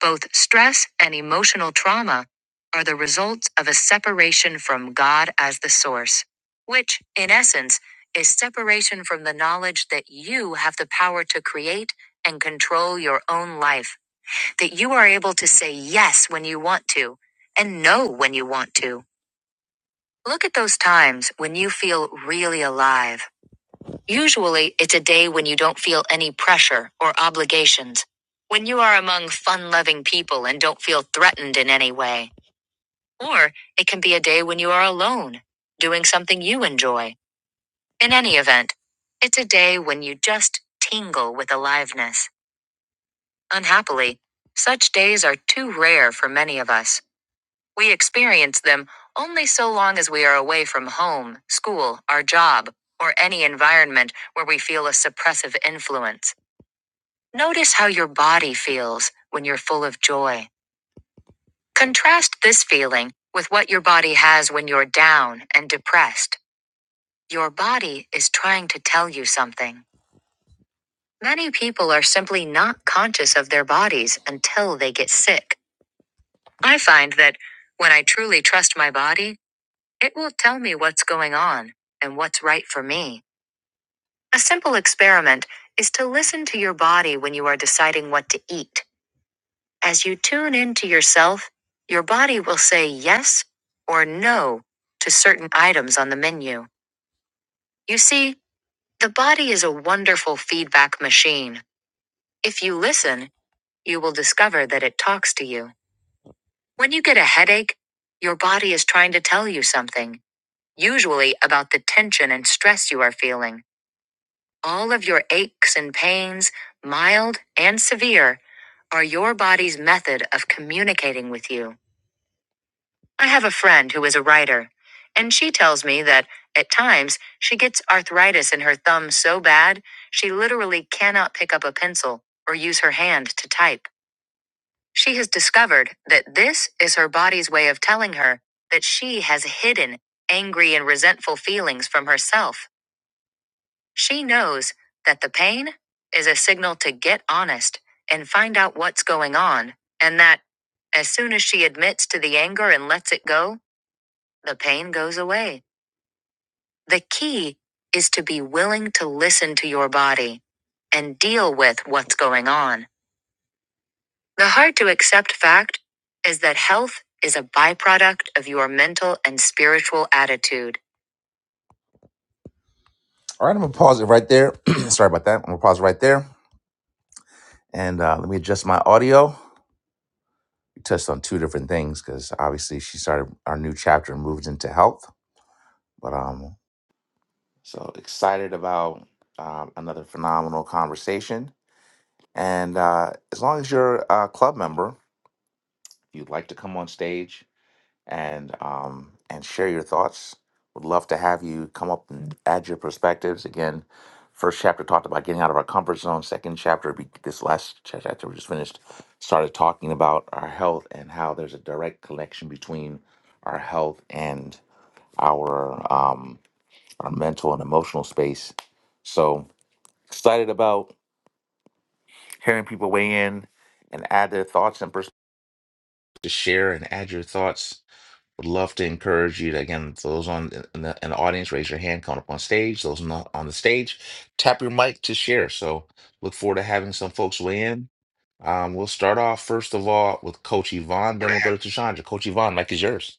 S1: Both stress and emotional trauma are the results of a separation from God as the source, which, in essence, is separation from the knowledge that you have the power to create and control your own life, that you are able to say yes when you want to and no when you want to. Look at those times when you feel really alive. Usually, it's a day when you don't feel any pressure or obligations. When you are among fun loving people and don't feel threatened in any way. Or it can be a day when you are alone, doing something you enjoy. In any event, it's a day when you just tingle with aliveness. Unhappily, such days are too rare for many of us. We experience them only so long as we are away from home, school, our job, or any environment where we feel a suppressive influence. Notice how your body feels when you're full of joy. Contrast this feeling with what your body has when you're down and depressed. Your body is trying to tell you something. Many people are simply not conscious of their bodies until they get sick. I find that when I truly trust my body, it will tell me what's going on and what's right for me. A simple experiment is to listen to your body when you are deciding what to eat. As you tune into yourself, your body will say yes or no to certain items on the menu. You see, the body is a wonderful feedback machine. If you listen, you will discover that it talks to you. When you get a headache, your body is trying to tell you something, usually about the tension and stress you are feeling. All of your aches and pains, mild and severe, are your body's method of communicating with you. I have a friend who is a writer, and she tells me that, at times, she gets arthritis in her thumb so bad she literally cannot pick up a pencil or use her hand to type. She has discovered that this is her body's way of telling her that she has hidden angry and resentful feelings from herself. She knows that the pain is a signal to get honest and find out what's going on, and that, as soon as she admits to the anger and lets it go, the pain goes away. The key is to be willing to listen to your body and deal with what's going on. The hard to accept fact is that health is a byproduct of your mental and spiritual attitude. All right, I'm gonna pause it right there. Sorry about that. I'm gonna pause right there and uh, let me adjust my audio. We touched on two different things because obviously she started our new chapter and moved into health. But um, so excited about um, another phenomenal conversation And uh, as long as you're a club member, if you'd like to come on stage and um, and share your thoughts, would love to have you come up and add your perspectives. Again, first chapter talked about getting out of our comfort zone. Second chapter, be- this last cha- chapter we just finished, started talking about our health and how there's a direct connection between our health and our um, our mental and emotional space. So excited about hearing people weigh in and add their thoughts and perspectives to share and add your thoughts. Would love to encourage you to, again, those on in the, in the audience, raise your hand, come up on stage. Those not on the stage, tap your mic to share. So look forward to having some folks weigh in. Um, we'll start off, first of all, with Coach Yvonne, then we'll go to Tashandra.
S10: Hi,
S1: Coach Yvonne, mic is yours.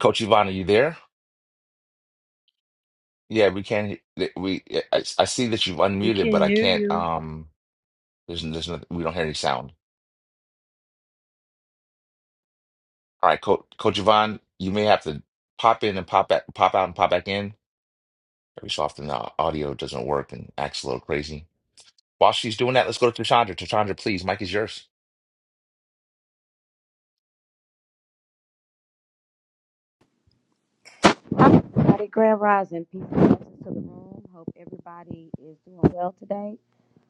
S1: Coach Yvonne, are you there? Yeah, we can. not We I, I see that you've
S5: We
S1: unmuted, but
S5: can't
S1: I
S5: hear
S1: can't.
S5: you.
S1: Um, there's there's no, we don't hear any sound. All right, Coach Coach Yvonne, you may have to pop in and pop back, pop out and pop back in. Every so often the audio doesn't work and acts a little crazy. While she's doing that, let's go to Tashandra. Tashandra, please, Mike is yours.
S10: everybody. Grand rising. Peace and blessings to the room. Hope everybody is doing well today.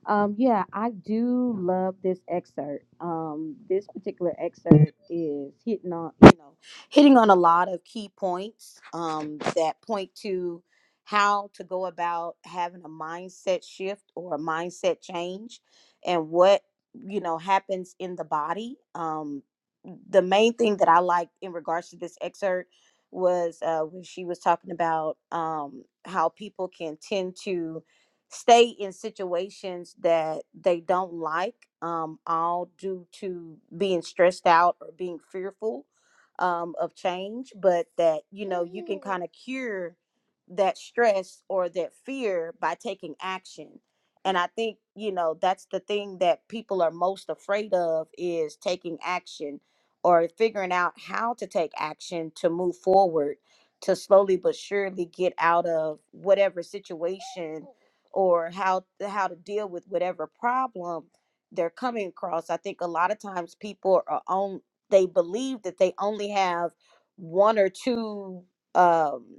S10: Um, yeah, I do love this excerpt. Um, this particular excerpt is hitting on, you know, hitting on a lot of key points um, that point to how to go about having a mindset shift or a mindset change and what, you know, happens in the body. Um, the main thing that I liked in regards to this excerpt was uh, when she was talking about um, how people can tend to stay in situations that they don't like, um, all due to being stressed out or being fearful um, of change, but that, you know, you can kind of cure that stress or that fear by taking action. And I think, you know, that's the thing that people are most afraid of is taking action or figuring out how to take action to move forward to slowly but surely get out of whatever situation or how how to deal with whatever problem they're coming across. I think a lot of times people are on they believe that they only have one or two um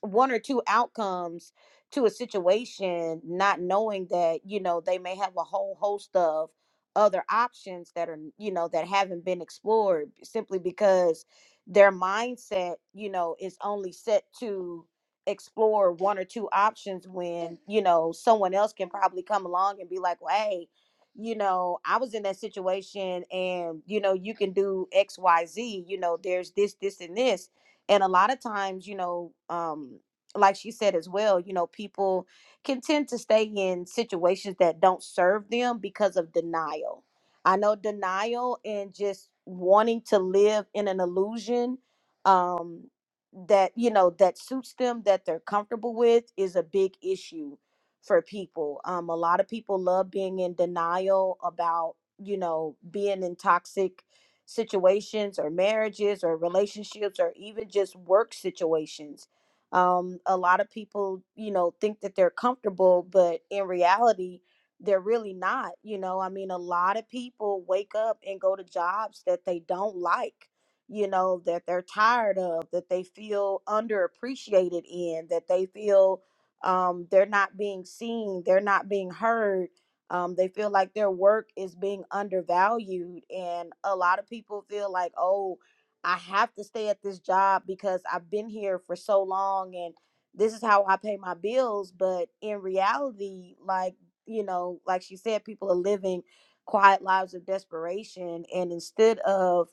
S10: one or two outcomes to a situation not knowing that you know they may have a whole host of other options that are you know that haven't been explored simply because their mindset you know is only set to explore one or two options when you know someone else can probably come along and be like well hey you know i was in that situation and you know you can do xyz you know there's this this and this and a lot of times you know um like she said as well you know people can tend to stay in situations that don't serve them because of denial i know denial and just wanting to live in an illusion um that you know that suits them that they're comfortable with is a big issue for people um a lot of people love being in denial about you know being in toxic situations or marriages or relationships or even just work situations. Um, a lot of people, you know, think that they're comfortable, but in reality, they're really not. You know, I mean, a lot of people wake up and go to jobs that they don't like, you know, that they're tired of, that they feel underappreciated in, that they feel um, they're not being seen, they're not being heard um, they feel like their work is being undervalued. And a lot of people feel like, oh, I have to stay at this job because I've been here for so long and this is how I pay my bills. But in reality, like, you know, like she said, people are living quiet lives of desperation. And instead of,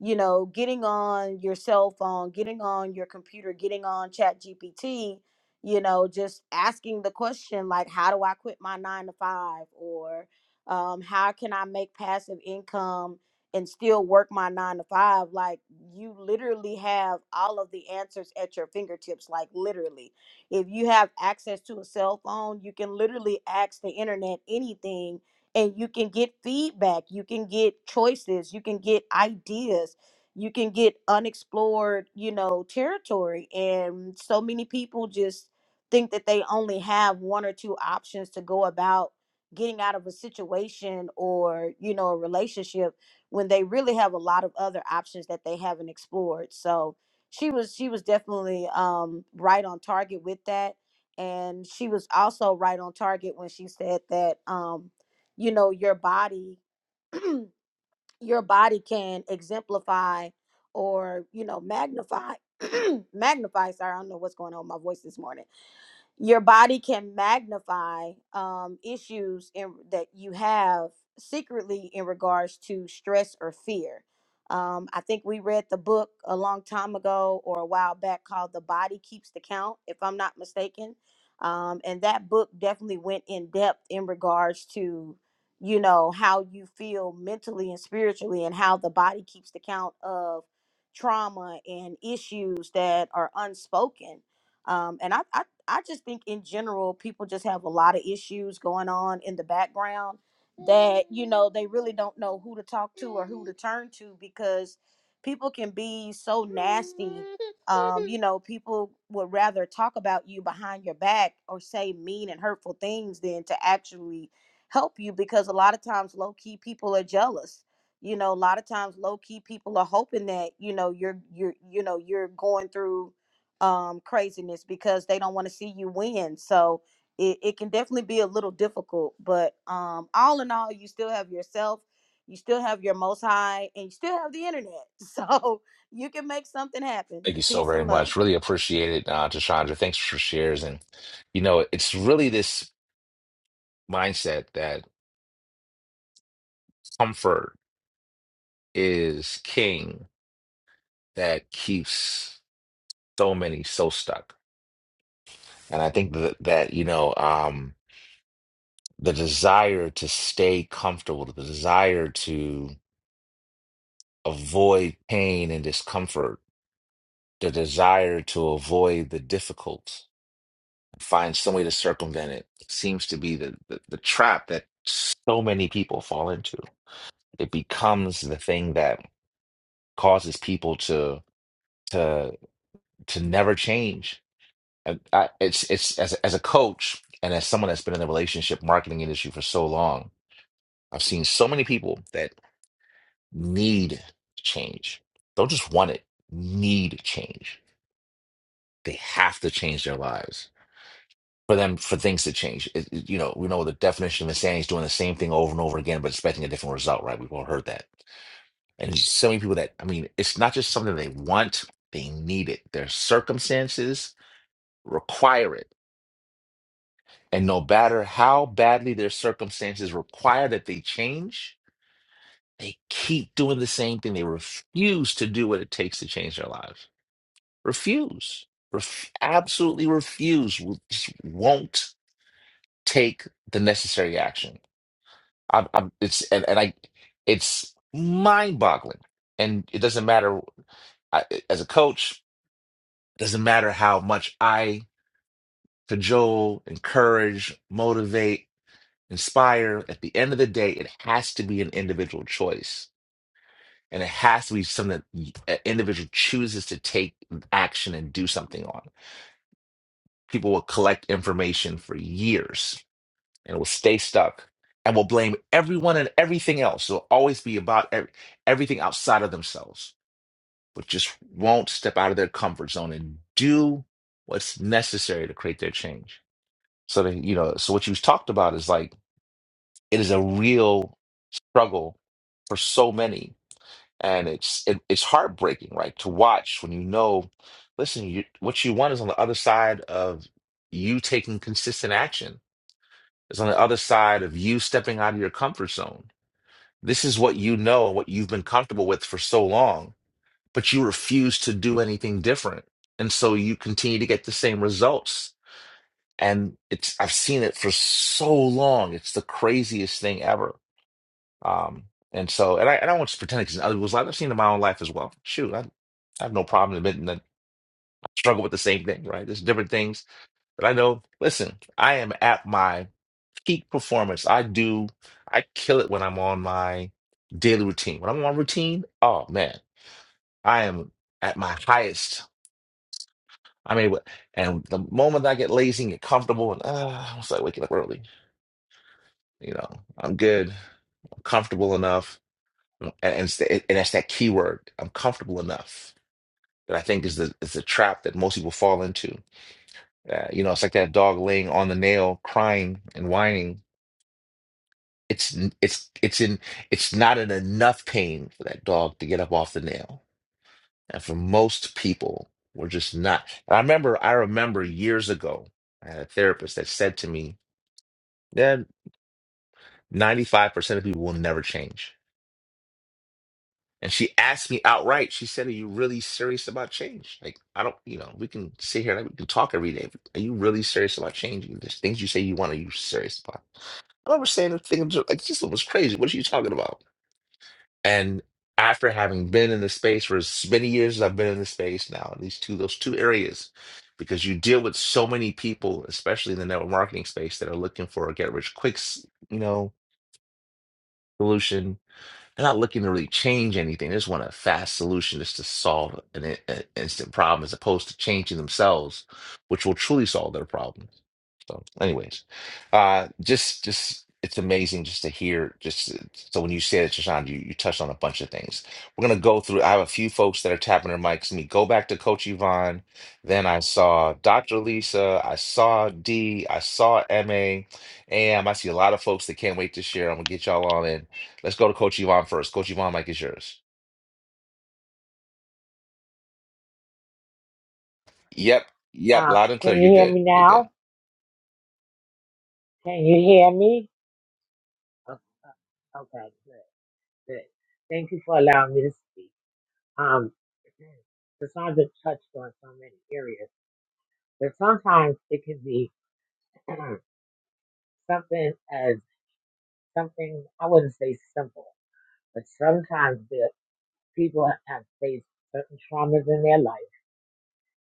S10: you know, getting on your cell phone, getting on your computer, getting on Chat GPT, you know just asking the question like how do i quit my nine to five or um, how can i make passive income and still work my nine to five like you literally have all of the answers at your fingertips like literally if you have access to a cell phone you can literally ask the internet anything and you can get feedback you can get choices you can get ideas you can get unexplored you know territory and so many people just think that they only have one or two options to go about getting out of a situation or you know a relationship when they really have a lot of other options that they haven't explored so she was she was definitely um right on target with that and she was also right on target when she said that um you know your body your body can exemplify or you know magnify magnify sorry i don't know what's going on with my voice this morning your body can magnify um, issues in, that you have secretly in regards to stress or fear. Um, I think we read the book a long time ago or a while back called The Body Keeps the Count, if I'm not mistaken. Um, and that book definitely went in depth in regards to, you know, how you feel mentally and spiritually and how the body keeps the count of trauma and issues that are unspoken. Um, and I, I I just think in general people just have a lot of issues going on in the background that you know they really don't know who to talk to or who to turn to because people can be so nasty um you know people would rather talk about you behind your back or say mean and hurtful things than to actually help you because a lot of times low key people are jealous you know a lot of times low key people are hoping that you know you're you're you know you're going through um, craziness because they don't want to see you win. So it, it can definitely be a little difficult. But um, all in all, you still have yourself, you still have your most high, and you still have the internet. So you can make something happen.
S1: Thank you so
S10: Peace
S1: very
S10: and
S1: much.
S10: love.
S1: Really appreciate it, uh, Tashandra. Thanks for shares. And, you know, it's really this mindset that comfort is king that keeps so many so stuck. And I think that, that you know, um, the desire to stay comfortable, the desire to avoid pain and discomfort The desire to avoid the difficult, and find some way to circumvent it, seems to be the, the, the trap that so many people fall into. It becomes the thing that causes people to to to never change. And I, it's it's as as a coach and as someone that's been in the relationship marketing industry for so long, I've seen so many people that need change. Don't just want it, need change. They have to change their lives. for them for things to change. It, it- you know, we know the definition of insanity is doing the same thing over and over again, but expecting a different result, right? We've all heard that. And so many people that I mean, it's not just something they want, they need it. Their circumstances require it. And no matter how badly their circumstances require that they change, they keep doing the same thing. They refuse to do what it takes to change their lives. Refuse. Ref- absolutely refuse. Will Just won't take the necessary action I'm, I'm it's and, and I it's mind-boggling. And it doesn't matter I, as a coach, it doesn't matter how much I cajole, encourage, motivate, inspire. At the end of the day, it has to be an individual choice. And it has to be something that an individual chooses to take action and do something on. People will collect information for years and we'll stay stuck and will blame everyone and everything else. It'll always be about ev- everything outside of themselves, but just won't step out of their comfort zone and do what's necessary to create their change. So that you know, so what you talked about is like it is a real struggle for so many, and it's it, it's heartbreaking, right, to watch when you know, listen, you, what you want is on the other side of you taking consistent action. It's on the other side of you stepping out of your comfort zone This is what you know and what you've been comfortable with for so long, but you refuse to do anything different. And so you continue to get the same results. And it's I've seen it for so long. It's the craziest thing ever. Um, and so and I and I do not want to pretend because other people's lives I've seen it in my own life as well. Shoot, I, I have no problem admitting that I struggle with the same thing, right? There's different things, but I know, listen, I am at my peak performance. I do, I kill it when I'm on my daily routine. When I'm on routine, oh man, I am at my highest. I'm able, and the moment I get lazy and get comfortable, and uh, I'm like waking up early. You know, I'm good. I'm comfortable enough, and and, it's the- and that's that key word. I'm comfortable enough that I think is the is the trap that most people fall into. Uh, you know, it's like that dog laying on the nail, crying and whining It's it's it's in it's not in enough pain for that dog to get up off the nail. And for most people, we're just not. I remember I remember years ago, I had a therapist that said to me, "Yeah, 95% of people will never change." And she asked me outright, she said, Are you really serious about change? Like, I don't, you know, we can sit here and we can talk every day. but Are you really serious about changing? There's things you say you want, are you serious about? I remember saying the thing, like, this was crazy. What are you talking about? And after having been in the space for as many years as I've been in the space now, these two, those two areas, because you deal with so many people, especially in the network marketing space, that are looking for a get rich quick, s- you know, solution. They're not looking to really change anything. They just want a fast solution just to solve an, i- a- instant problem as opposed to changing themselves, which will truly solve their problem. So, anyways, uh, just just it's amazing just to hear. Just uh, so when you say that, Shashan, you you touched on a bunch of things. We're gonna go through. I have a few folks that are tapping their mics. Let me go back to Coach Yvonne. Then I saw Dr. Lisa. I saw D. I saw Ma. And I see a lot of folks that can't wait to share. I'm gonna get y'all on in. Let's go to Coach Yvonne first. Coach Yvonne, mic is yours. Yep, yep,
S7: Uh,
S1: loud and
S7: can
S1: clear. You're
S7: you hear
S1: good.
S7: me
S1: You're good.
S7: now? Can you hear me? Oh, oh, Okay, good, good. Thank you for allowing me to speak. Um, Cassandra touched on so many areas, but sometimes it can be something as something I wouldn't say simple, but sometimes the people have faced certain traumas in their life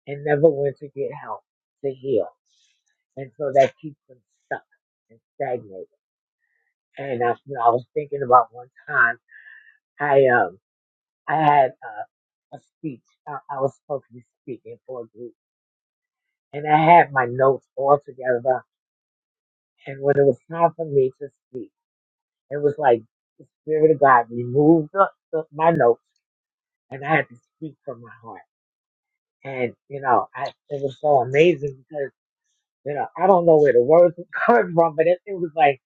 S7: and never went to get help to heal, and so that keeps them stuck and stagnated. And I, you know, I was thinking about one time I um I had uh, a speech I, I was supposed to be speaking for a group, and I had my notes all together. And when it was time for me to speak, it was like the spirit of God removed the, the, my notes, and I had to speak from my heart. And, you know, I, it was so amazing because, you know, I don't know where the words were coming from, but it, it was like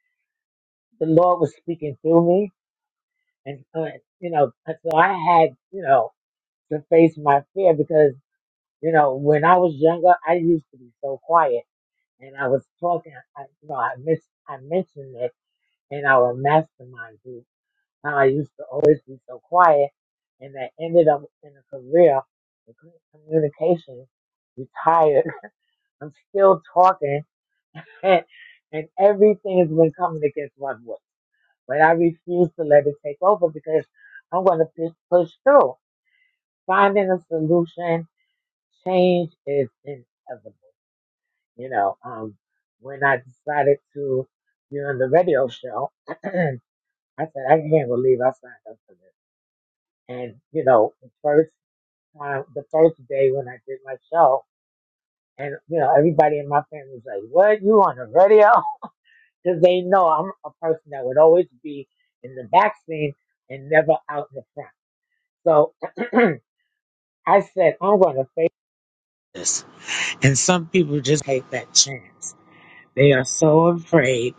S7: the Lord was speaking through me. And, uh, you know, and so I had, you know, to face my fear because, you know, when I was younger, I used to be so quiet and I was talking, I, you know, I miss, I mentioned it in our mastermind group, how I used to always be so quiet and I ended up in a career in communication, retired. I'm still talking repent, and everything has been coming against one way. But I refuse to let it take over because I'm going to push, push through. Finding a solution, change is inevitable. You know, um, when I decided to be on the radio show, I said, I can't believe I signed up for this. And, you know, the first time, the first day when I did my show, and, you know, everybody in my family was like, what, you on the radio? because they know I'm a person that would always be in the back scene and never out in the front. So I said, I'm going to face this. And some people just take that chance. They are so afraid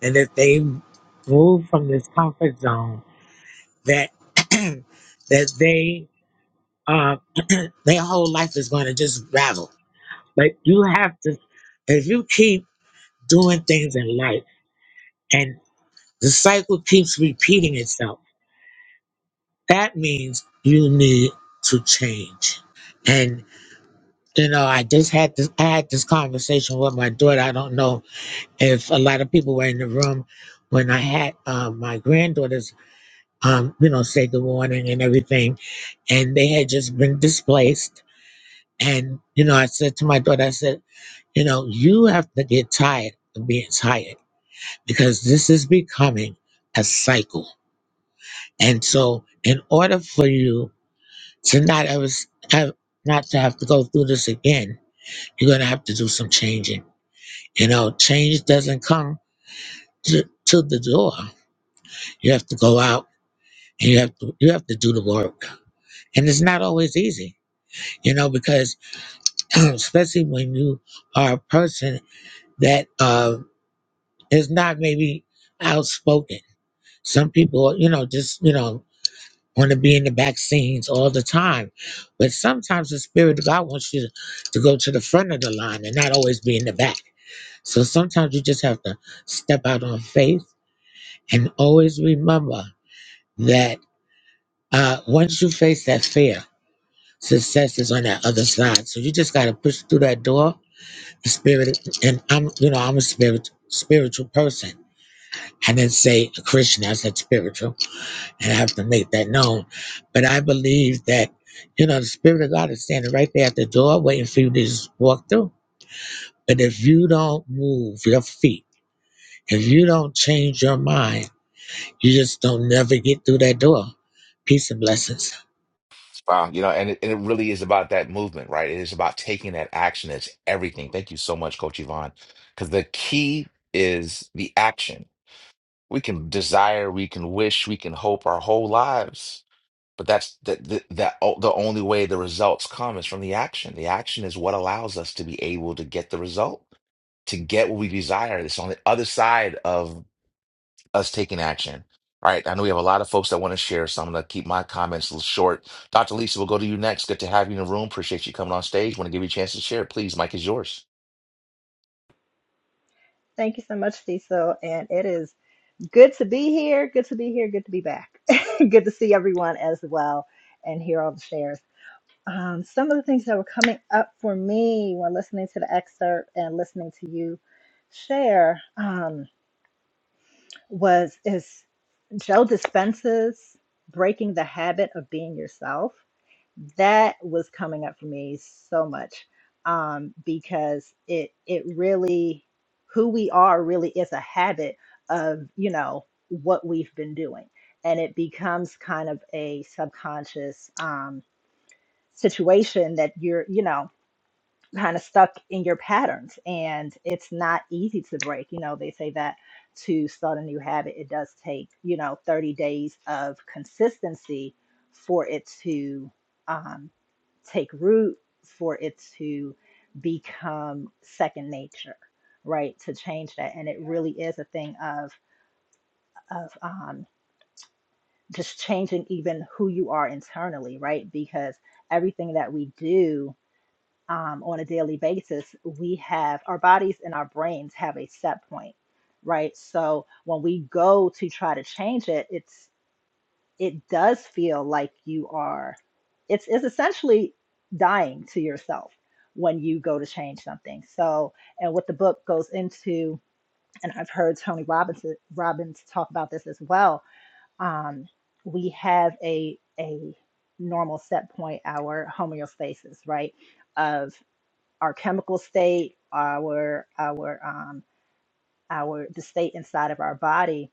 S7: that if they move from this comfort zone, that that they uh, their whole life is going to just ravel. But you have to, if you keep doing things in life, and the cycle keeps repeating itself That means you need to change. And you know, I just had this I had this conversation with my daughter. I don't know if a lot of people were in the room when I had um, my granddaughters um, you know, say good morning and everything. And they had just been displaced. And, you know, I said to my daughter, I said, you know, you have to get tired of being tired because this is becoming a cycle. And so in order for you to not ever s- have not to have to go through this again you're going to have to do some changing you know change doesn't come to, to the door you have to go out and you have to you have to do the work and it's not always easy you know because especially when you are a person that uh, is not maybe outspoken some people you know just you know want to be in the back scenes all the time. But sometimes the Spirit of God wants you to, to go to the front of the line and not always be in the back. So sometimes you just have to step out on faith and always remember that uh, once you face that fear, success is on that other side. So you just got to push through that door. The Spirit, and I'm, you know, I'm a spirit, spiritual person. I didn't say a Christian, I said spiritual I have to make that known. But I believe that, you know, the Spirit of God is standing right there at the door waiting for you to just walk through. But if you don't move your feet, if you don't change your mind, you just don't never get through that door. Peace and blessings.
S1: Wow, you know, and it, and it really is about that movement, right? It is about taking that action. It's everything. Thank you so much, Coach Yvonne. Because the key is the action. We can desire, we can wish, we can hope our whole lives, but that's the, the, that o- the only way the results come is from the action. The action is what allows us to be able to get the result, to get what we desire. It's on the other side of us taking action. All right, I know we have a lot of folks that want to share, so I'm going to keep my comments a little short. Dr. Lisa, we'll go to you next. Good to have you in the room. Appreciate you coming on stage. Want to give you a chance to share. Please, Mike is yours.
S11: Thank you so much, Cecil. And it is good to be here. Good to be here. Good to be back. good to see everyone as well and hear all the shares. Um, some of the things that were coming up for me when listening to the excerpt and listening to you share um, was is Joe Dispenza's breaking the habit of being yourself that was coming up for me so much um, because it it really who we are really is a habit of you know what we've been doing and it becomes kind of a subconscious um, situation that you're you know kind of stuck in your patterns and it's not easy to break you know they say that to start a new habit it does take you know 30 days of consistency for it to um, take root for it to become second nature right to change that and it really is a thing of of um, just changing even who you are internally right because everything that we do um, on a daily basis, we have our bodies and our brains have a set point, right? So when we go to try to change it, it's it does feel like you are it's it's essentially dying to yourself when you go to change something. So and what the book goes into, and I've heard Tony Robbins Robbins talk about this as well. Um, we have a a normal set point, our homeostasis, right? Of our chemical state, our our um, our the state inside of our body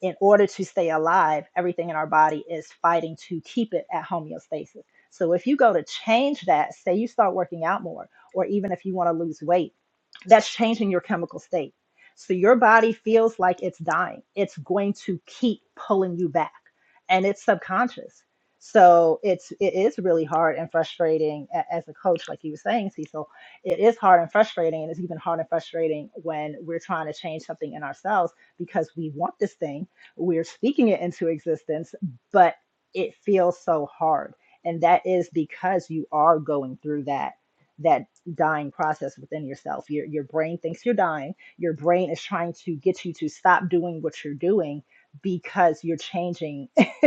S11: in order to stay alive, everything in our body is fighting to keep it at homeostasis. So if you go to change that, say you start working out more, or even if you want to lose weight, that's changing your chemical state. So your body feels like it's dying. It's going to keep pulling you back, and it's subconscious. So it's it is really hard and frustrating a- as a coach, like you were saying, Cecil. It is hard and frustrating, and it's even hard and frustrating when we're trying to change something in ourselves because we want this thing we're speaking it into existence, but it feels so hard. And that is because you are going through that that dying process within yourself. Your your brain thinks you're dying. Your brain is trying to get you to stop doing what you're doing because you're changing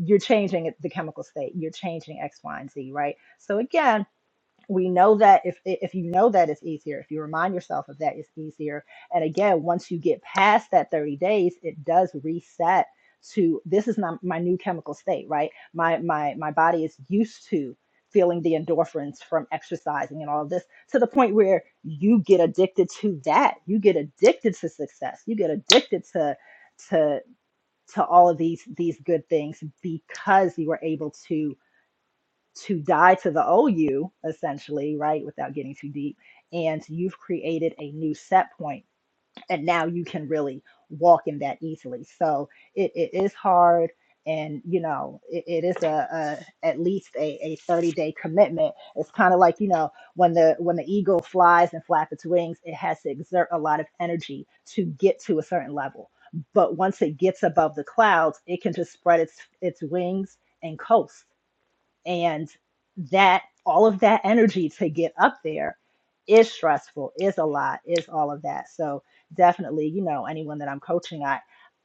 S11: you're changing the chemical state. You're changing X, Y, and Z, right? So again, we know that if if you know that it's easier if you remind yourself of that it's easier and again once you get past that 30 days it does reset to this is not my new chemical state right my my my body is used to feeling the endorphins from exercising and all of this to the point where you get addicted to that you get addicted to success you get addicted to to to all of these these good things because you were able to to die to the old you, essentially, right? Without getting too deep. And you've created a new set point, and now you can really walk in that easily. So it, it is hard, and you know, it, it is a, a at least a, a 30 day commitment. It's kind of like you know when the when the eagle flies and flaps its wings, it has to exert a lot of energy to get to a certain level. But once it gets above the clouds, it can just spread its its wings and coast and that all of that energy to get up there is stressful is a lot is all of that so definitely you know anyone that i'm coaching i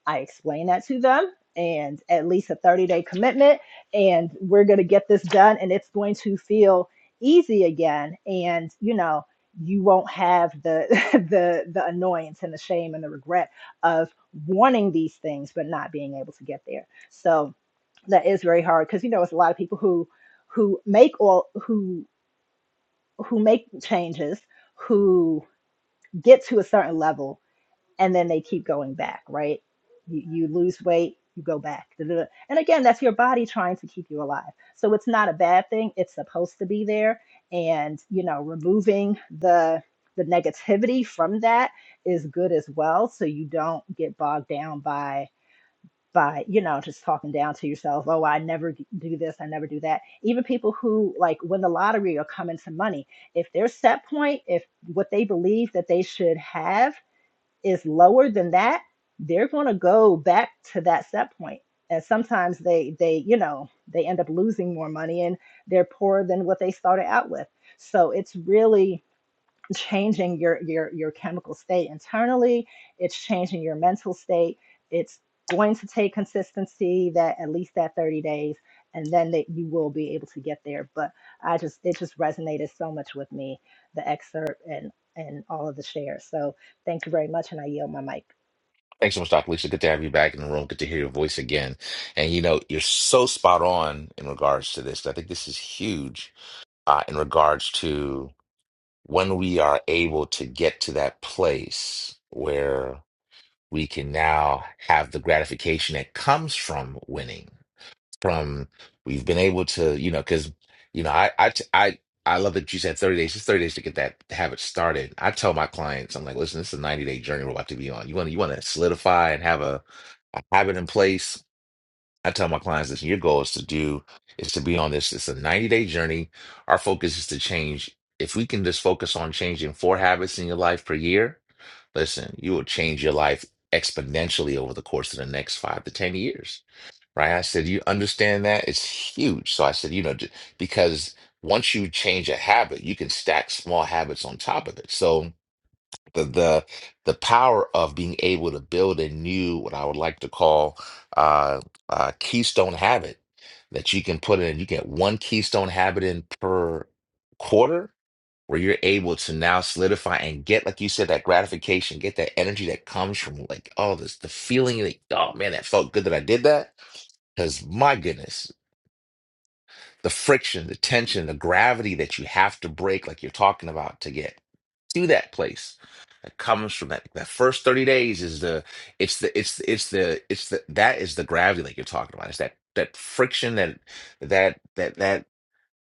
S11: i explain that to them and at least a 30 day commitment and we're going to get this done and it's going to feel easy again and you know you won't have the the the annoyance and the shame and the regret of wanting these things but not being able to get there so that is very hard because you know it's a lot of people who who make all who who make changes who get to a certain level and then they keep going back right you, you lose weight you go back da, da, da. and again that's your body trying to keep you alive so it's not a bad thing it's supposed to be there and you know removing the the negativity from that is good as well so you don't get bogged down by by you know just talking down to yourself oh i never g- do this i never do that even people who like win the lottery or come into money if their set point if what they believe that they should have is lower than that they're going to go back to that set point and sometimes they they you know they end up losing more money and they're poorer than what they started out with so it's really changing your your your chemical state internally it's changing your mental state it's going to take consistency that at least that 30 days and then that you will be able to get there but i just it just resonated so much with me the excerpt and and all of the shares so thank you very much and i yield my mic
S1: Thanks so much, Dr. Lisa. Good to have you back in the room. Good to hear your voice again. And you know, you're so spot on in regards to this. I think this is huge uh, in regards to when we are able to get to that place where we can now have the gratification that comes from winning from we've been able to you know because you know I I I I love that you said 30 days just 30 days to get that habit started I tell my clients I'm like listen this is a 90 day journey we're about to be on you want to you want to solidify and have a, a habit in place I tell my clients listen your goal is to do is to be on this it's a 90 day journey our focus is to change if we can just focus on changing four habits in your life per year listen you will change your life exponentially over the course of the next five to ten years right? I said, you understand that? It's huge. So I said, you know, j- because once you change a habit, you can stack small habits on top of it. So the the the power of being able to build a new, what I would like to call uh, uh, keystone habit that you can put in. You get one keystone habit in per quarter where you're able to now solidify and get, like you said, that gratification, get that energy that comes from like, oh, this the feeling like, oh man, that felt good that I did that. Because my goodness, the friction, the tension, the gravity that you have to break, like you're talking about, to get to that place that comes from that that first 30 days is the it's the it's it's the it's the that is the gravity that you're talking about. It's that that friction that that that that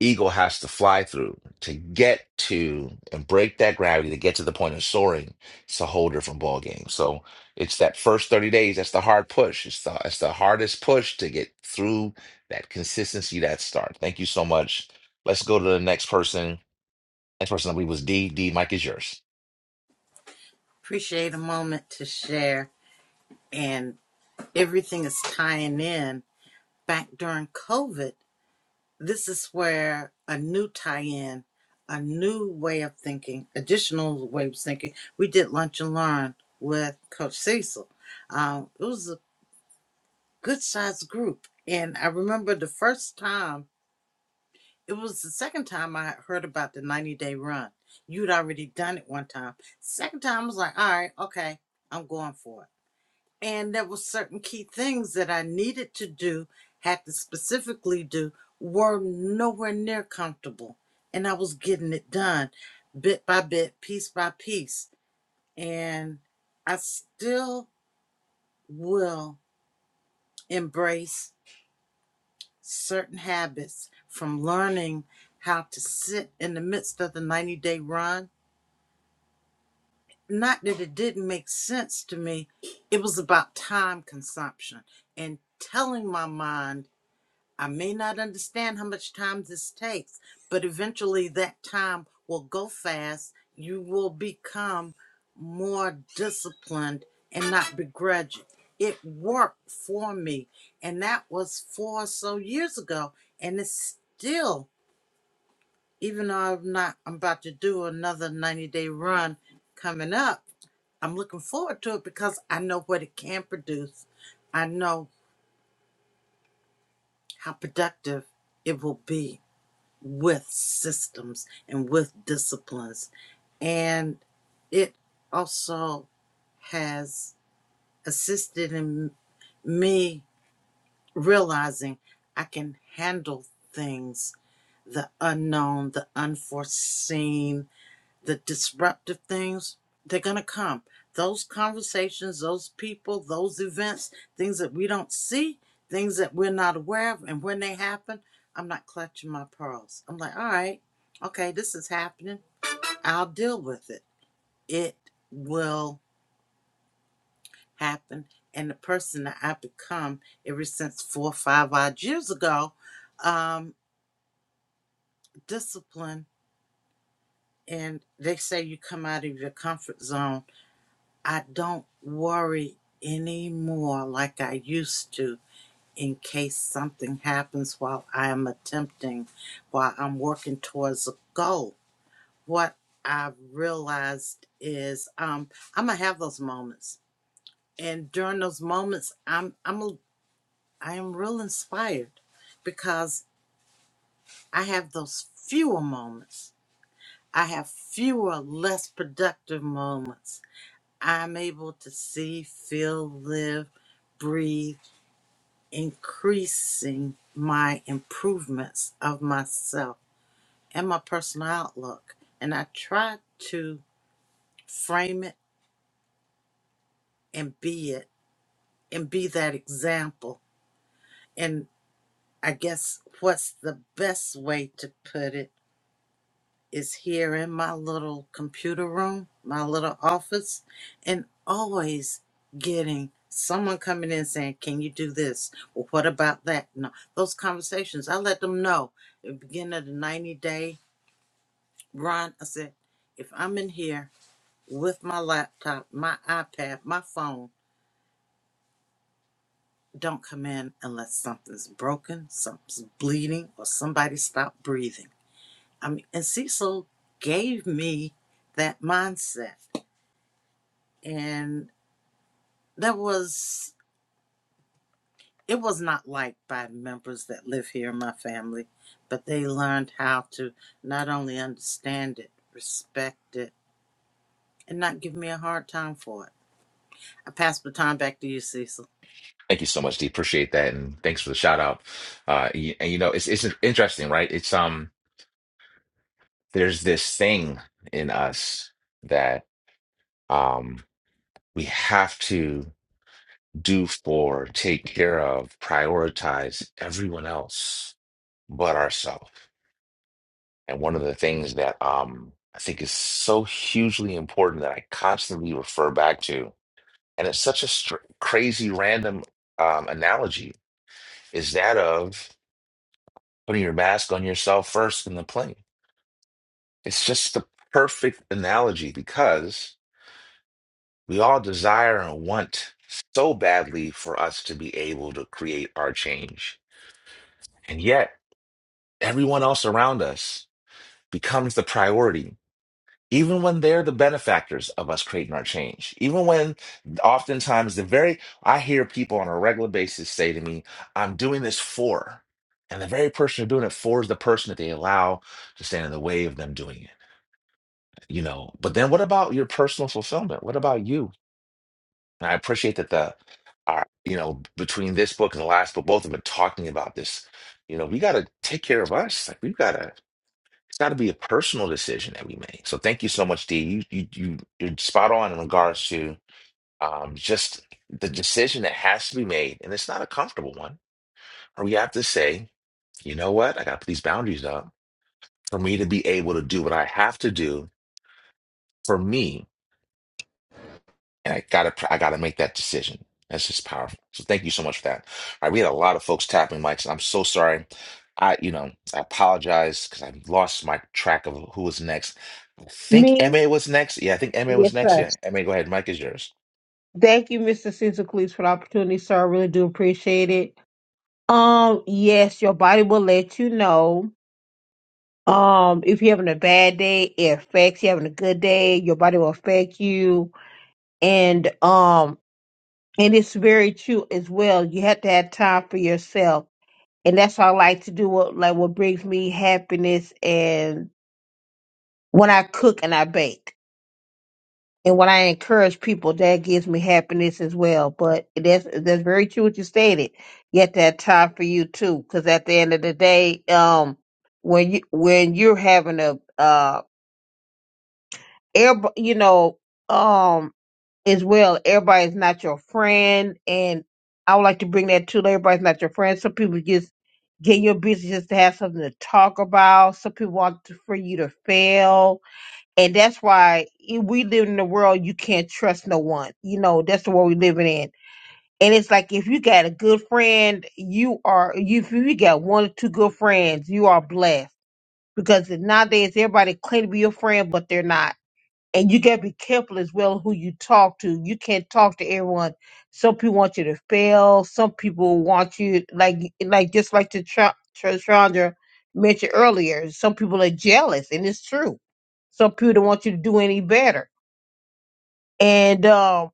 S1: eagle has to fly through to get to and break that gravity to get to the point of soaring. It's a whole different ball game. So it's that first 30 days. That's the hard push. It's the it's the hardest push to get through that consistency, that start. Thank you so much. Let's go to the next person. Next person I believe was D. D, Mike is yours.
S2: Appreciate a moment to share. And everything is tying in. Back during COVID, this is where a new tie in, a new way of thinking, additional way of thinking. We did lunch and learn with Coach Cecil. Um, it was a good sized group. And I remember the first time, it was the second time I heard about the 90 day run. You'd already done it one time. Second time, I was like, all right, okay, I'm going for it and there were certain key things that I needed to do, had to specifically do, were nowhere near comfortable. And I was getting it done bit by bit, piece by piece. And I still will embrace certain habits from learning how to sit in the midst of the 90 day run. Not that it didn't make sense to me, it was about time consumption and telling my mind I may not understand how much time this takes, but eventually that time will go fast. You will become more disciplined and not begrudge it. It worked for me, and that was four or so years ago, and it's still. Even though I'm not, I'm about to do another 90 day run coming up. I'm looking forward to it because I know what it can produce. I know how productive it will be. with systems and with disciplines. And it also has assisted in me realizing I can handle things, the unknown, the unforeseen, the disruptive things, they're going to come. Those conversations, those people, those events, things that we don't see, things that we're not aware of, and when they happen, I'm not clutching my pearls. I'm like, all right, okay, this is happening. I'll deal with it. It will happen. And the person that I have become ever since four or five odd years ago, um, discipline. And they say you come out of your comfort zone I don't worry anymore like I used to in case something happens while I am attempting, while I'm working towards a goal. What I've realized is um, I'm gonna have those moments, and during those moments, I'm I'm a, I am real inspired because I have those fewer moments. I have fewer, less productive moments I'm able to see, feel, live, breathe, increasing my improvements of myself and my personal outlook. And I try to frame it and be it and be that example. And I guess what's the best way to put it? is here in my little computer room, my little office, and always getting someone coming in saying, Can you do this? Well, what about that? No, those conversations, I let them know at the beginning of the 90 day run. I said, If I'm in here with my laptop, my iPad, my phone, don't come in unless something's broken, something's bleeding, or somebody stopped breathing. I mean, and Cecil gave me that mindset. and that was it was not liked by members that live here in my family but they learned how to not only understand it respect it and not give me a hard time for it i pass the time back to you Cecil.
S1: Thank you so much, D. Appreciate that. And thanks for the shout out. Uh, y- and you know, it's it's interesting, right? It's um there's this thing in us that um we have to do for, take care of, prioritize everyone else but ourselves. And one of the things that um, I think is so hugely important that I constantly refer back to, and it's such a str- crazy random um, analogy, is that of putting your mask on yourself first in the plane. It's just the perfect analogy because we all desire and want so badly for us to be able to create our change. And yet, everyone else around us becomes the priority, even when they're the benefactors of us creating our change. Even when oftentimes the very, I hear people on a regular basis say to me, I'm doing this for. And the very person they're doing it for is the person that they allow to stand in the way of them doing it, you know. But then what about your personal fulfillment? What about you? And I appreciate that the, our, you know, between this book and the last book, both of them are talking about this. You know, we got to take care of us. Like we've got to It's got to be a personal decision that we make. So thank you so much, D. You you you you're spot on in regards to um just the decision that has to be made, and it's not a comfortable one. Or we have to say, you know what? I got to put these boundaries up for me to be able to do what I have to do for me, and I gotta I gotta make that decision. That's just powerful. So thank you so much for that. All right, we had a lot of folks tapping mics, and I'm so sorry. I, you know, I apologize because I lost my track of who was next. I think
S3: Me?
S1: MA was next. Yeah, I think MA was
S3: Yes,
S1: next.
S3: sir.
S1: Yeah, MA, go ahead. Mike is yours.
S3: Thank you, Mr. Cleese, for the opportunity, sir. I really do appreciate it. Um, yes, your body will let you know. Um, if you're having a bad day, it affects you having a good day, your body will affect you. And um, and it's very true as well. You have to have time for yourself. And that's what I like to do, what like what brings me happiness and when I cook and I bake. and when I encourage people, that gives me happiness as well. But that's that's very true what you stated. Yet that time for you too, because at the end of the day, um, when you when you're having a uh, air, you know, um, as well, everybody's not your friend, and I would like to bring that too. Everybody's not your friend. Some people just get in your business just to have something to talk about. Some people want to, for you to fail and that's why i- we live in a world you can't trust no one. You know, that's the world we living in. And it's like if you got a good friend, you are you if you got one or two good friends, you are blessed. Because nowadays everybody claim to be your friend, but they're not and you got to be careful as well who you talk to. You can't talk to everyone. Some people want you to fail. Some people want you like like just like the Tra- Tra- Chandra mentioned earlier. Some people are jealous, and it's true. Some people don't want you to do any better. And um,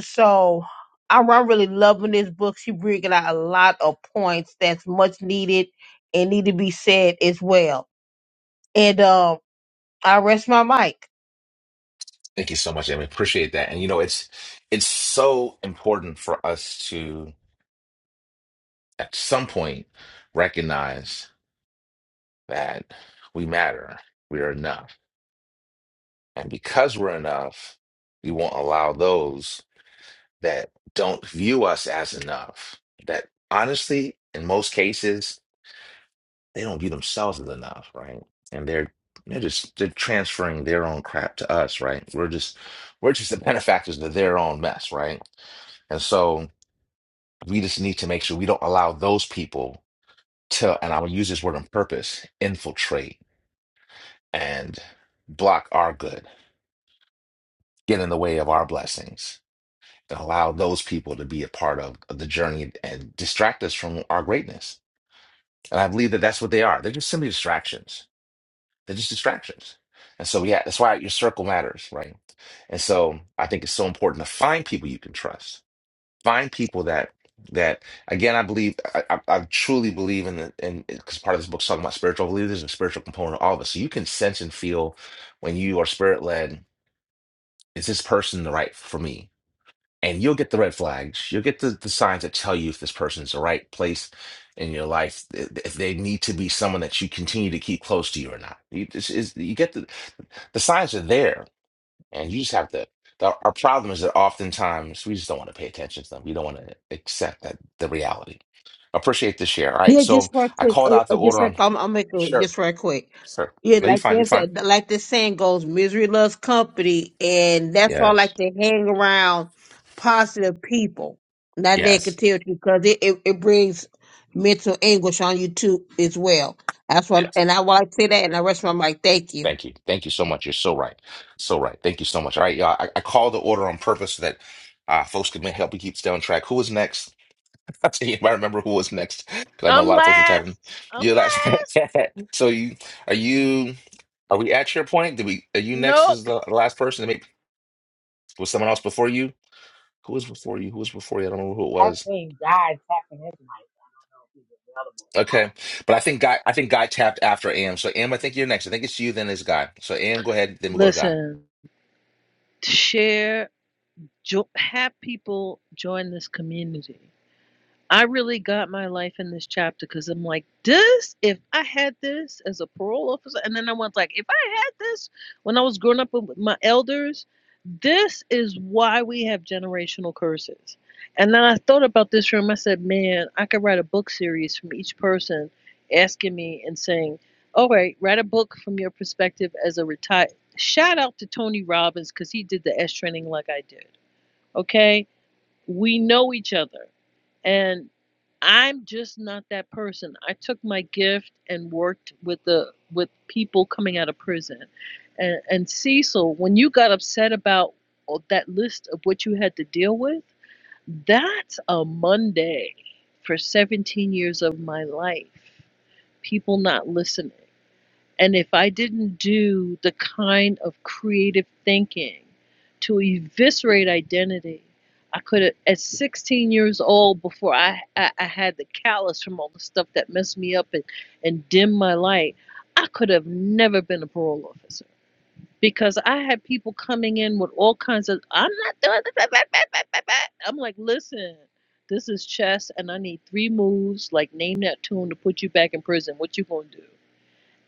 S3: so I'm, I'm really loving this book. She bringing out a lot of points that's much needed and need to be said as well. And um, I rest my mic.
S1: Thank you so much, MA. Appreciate that. And you know, it's it's so important for us to at some point recognize that we matter. We are enough. And because we're enough, we won't allow those that don't view us as enough. That honestly, in most cases, they don't view themselves as enough, right? And they're they're just they're transferring their own crap to us, right? We're just we're just the benefactors of their own mess, right? And so we just need to make sure we don't allow those people to, and I will use this word on purpose, infiltrate and block our good, get in the way of our blessings, and allow those people to be a part of, of the journey and distract us from our greatness. And I believe that that's what they are. They're just simply distractions They're just distractions. And so, yeah, that's why your circle matters, right? And so, I think it's so important to find people you can trust. Find people that that again, I believe, I, I, I truly believe in the in because part of this book's talking about spiritual leaders and spiritual component of all of us. So you can sense and feel when you are spirit led. Is this person the right for me? and you'll get the red flags. You'll get the, the signs that tell you if this person's the right place in your life, th- if they need to be someone that you continue to keep close to you or not. You just is you get the the signs are there, and you just have to. The, our problem is that oftentimes we just don't want to pay attention to them. We don't want to accept that the reality. Appreciate the share. All right,
S3: Yeah,
S1: so
S3: just right
S1: I
S3: quick. Uh,
S1: called out
S3: uh,
S1: the
S3: just
S1: order.
S3: real,
S1: I'm
S3: I'm, I'll make it
S1: sure,
S3: just right quick.
S1: sure.
S3: Yeah,
S1: No, you're
S3: like
S1: fine. You're
S3: there's
S1: fine.
S3: a, like this saying goes, misery loves company, and that's why I
S1: Yes,
S3: like to hang around positive people, not
S1: yes,
S3: negativity, because it, it, it brings mental anguish on you too as well. That's what,
S1: yes.
S3: and I want to say that, and I rest my mic. Thank you.
S1: Thank you. Thank you so much. You're so right. So right. Thank you so much. All right, y'all. I, I called the order on purpose so that uh, folks could ma- help me keep stay on track. Who was next? I'll tell you if I remember who was next because I know a
S5: I'm
S1: lot of folks were tapping.
S5: last. I'm
S1: Yeah, last.
S5: last.
S1: so. You are you? Are we at your point? Did we? Are you next? Is
S5: Nope.
S1: the last person to Was someone else before you? Who was before you? Who was before you? I don't remember who it
S7: I've
S1: was.
S7: seen God tapping his mic. if he's
S1: Okay, but I think guy. I think guy tapped after Am. So Am, I think you're next. I think it's you. Then it's guy. So Am, go ahead. Then we go to
S5: Listen. Share. Jo- have people join this community. I really got my life in this chapter because I'm like, this, if I had this as a parole officer, and then I was like, if I had this when I was growing up with my elders, this is why we have generational curses. And then I thought about this room. I said, man, I could write a book series from each person asking me and saying, all right, write a book from your perspective as a retired. Shout out to Tony Robbins because he did the S training like I did. Okay we know each other. And I'm just not that person. I took my gift and worked with the with people coming out of prison. And and Cecil, when you got upset about that list of what you had to deal with, that's a Monday for 17 years of my life. People not listening. And if I didn't do the kind of creative thinking to eviscerate identity, I could have, at 16 years old, before I, I, I had the callus from all the stuff that messed me up and, and dimmed my light, I could have never been a parole officer because I had people coming in with all kinds of, I'm not doing this. blah, blah, blah, blah, blah." I'm like, listen, this is chess and I need three moves, like name that tune to put you back in prison. What you gonna do?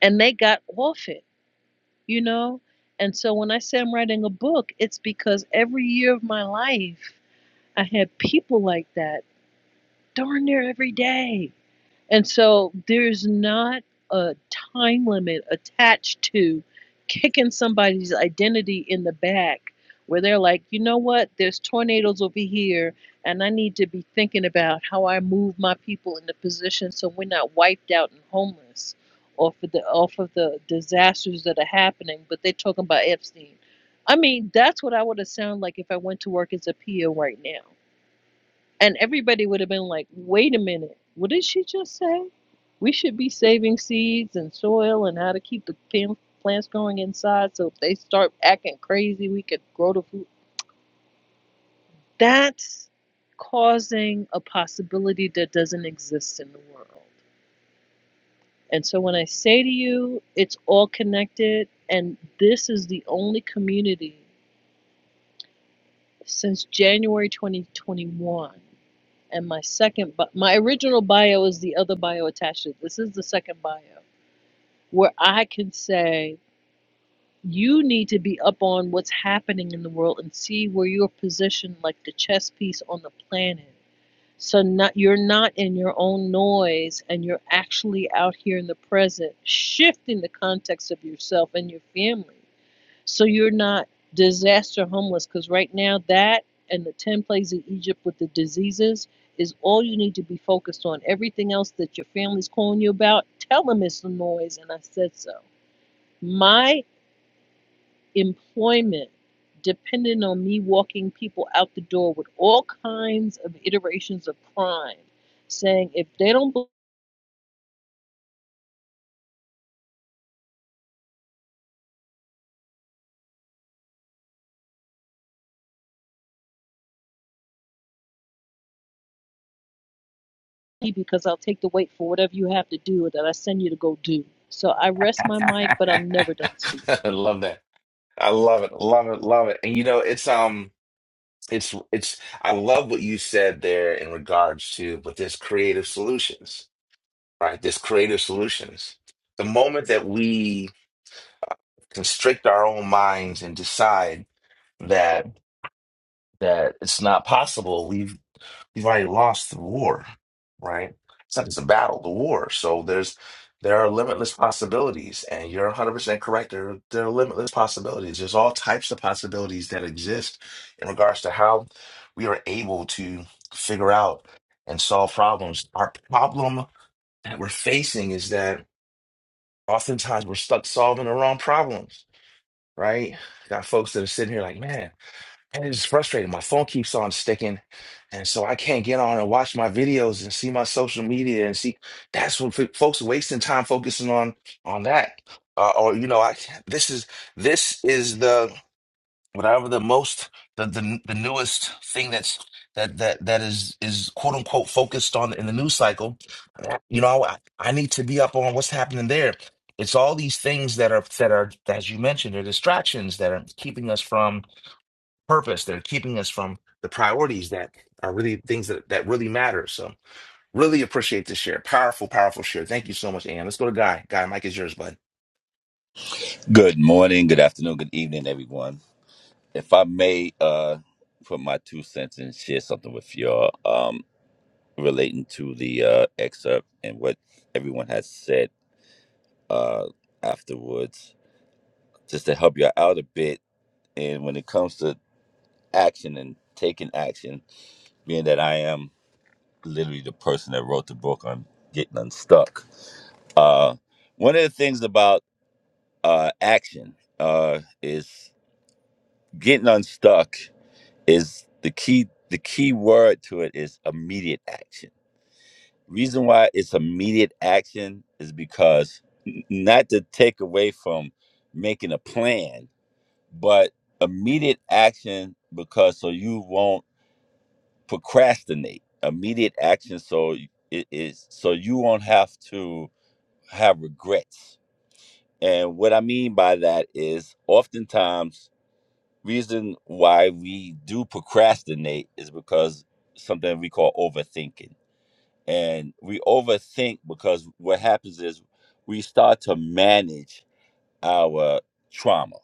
S5: And they got off it you know? And so when I say I'm writing a book, it's because every year of my life, I had people like that darn near every day. And so there's not a time limit attached to kicking somebody's identity in the back where they're like, you know what, there's tornadoes over here, and I need to be thinking about how I move my people into position so we're not wiped out and homeless off of the off of the disasters that are happening. But they're talking about Epstein. I mean, that's what I would have sounded like if I went to work as a PO right now. And everybody would have been like, wait a minute, what did she just say? We should be saving seeds and soil and how to keep the pan- plants growing inside so if they start acting crazy, we could grow the food. That's causing a possibility that doesn't exist in the world. And so when I say to you, it's all connected, and this is the only community since January 2021 and my second bi- my original bio is the other bio attached to it. this is the second bio where i can say you need to be up on what's happening in the world and see where you're positioned like the chess piece on the planet so not you're not in your own noise and you're actually out here in the present shifting the context of yourself and your family so you're not disaster homeless because right now that and the 10 plagues of egypt with the diseases is all you need to be focused on everything else that your family's calling you about tell them it's the noise and i said so my employment depended on me walking people out the door with all kinds of iterations of crime saying if they don't believe me because i'll take the weight for whatever you have to do that i send you to go do so i rest my
S1: guy.
S5: mic but i'm never done speaking
S1: I love that. I love it, love it, love it. And you know, it's um it's it's I love what you said there in regards to but this creative solutions, right? This creative solutions. The moment that we constrict our own minds and decide that that it's not possible, You've already lost the war, right? It's not just a battle, the war. So there's there are limitless possibilities, and you're 100% correct. There there are limitless possibilities. There's all types of possibilities that exist in regards to how we are able to figure out and solve problems. Our problem that we're facing is that oftentimes we're stuck solving the wrong problems, right? Got folks that are sitting here like, man. And it's frustrating. My phone keeps on sticking. And so I can't get on and watch my videos and see my social media and see that's what f- folks are wasting time focusing on on that. Uh, or you know, I can't- this is this is the whatever the most the the, the newest thing that's that that that is is quote unquote focused on in the news cycle. You know, I, I need to be up on what's happening there. It's all these things that are that are as you mentioned, are distractions that are keeping us from purpose that are keeping us from the priorities that are really things that, that really matter. So really appreciate this share. Powerful, powerful share. Thank you so much, Ann. Let's go to Guy. Guy, Mike is yours, bud.
S12: Good morning, good afternoon, good evening, everyone. If I may uh put my two cents and share something with y'all um relating to the uh excerpt and what everyone has said uh afterwards, just to help you out a bit and when it comes to action and taking action, being that I am literally the person that wrote the book on getting unstuck. Uh one of the things about uh action uh is getting unstuck is the key the key word to it is immediate action reason why it's immediate action is because n- not to take away from making a plan but immediate action because so you won't procrastinate immediate action so y- it is so you won't have to have regrets and what i mean by that is oftentimes reason why we do procrastinate is because something we call overthinking. And we overthink because what happens is we start to manage our trauma.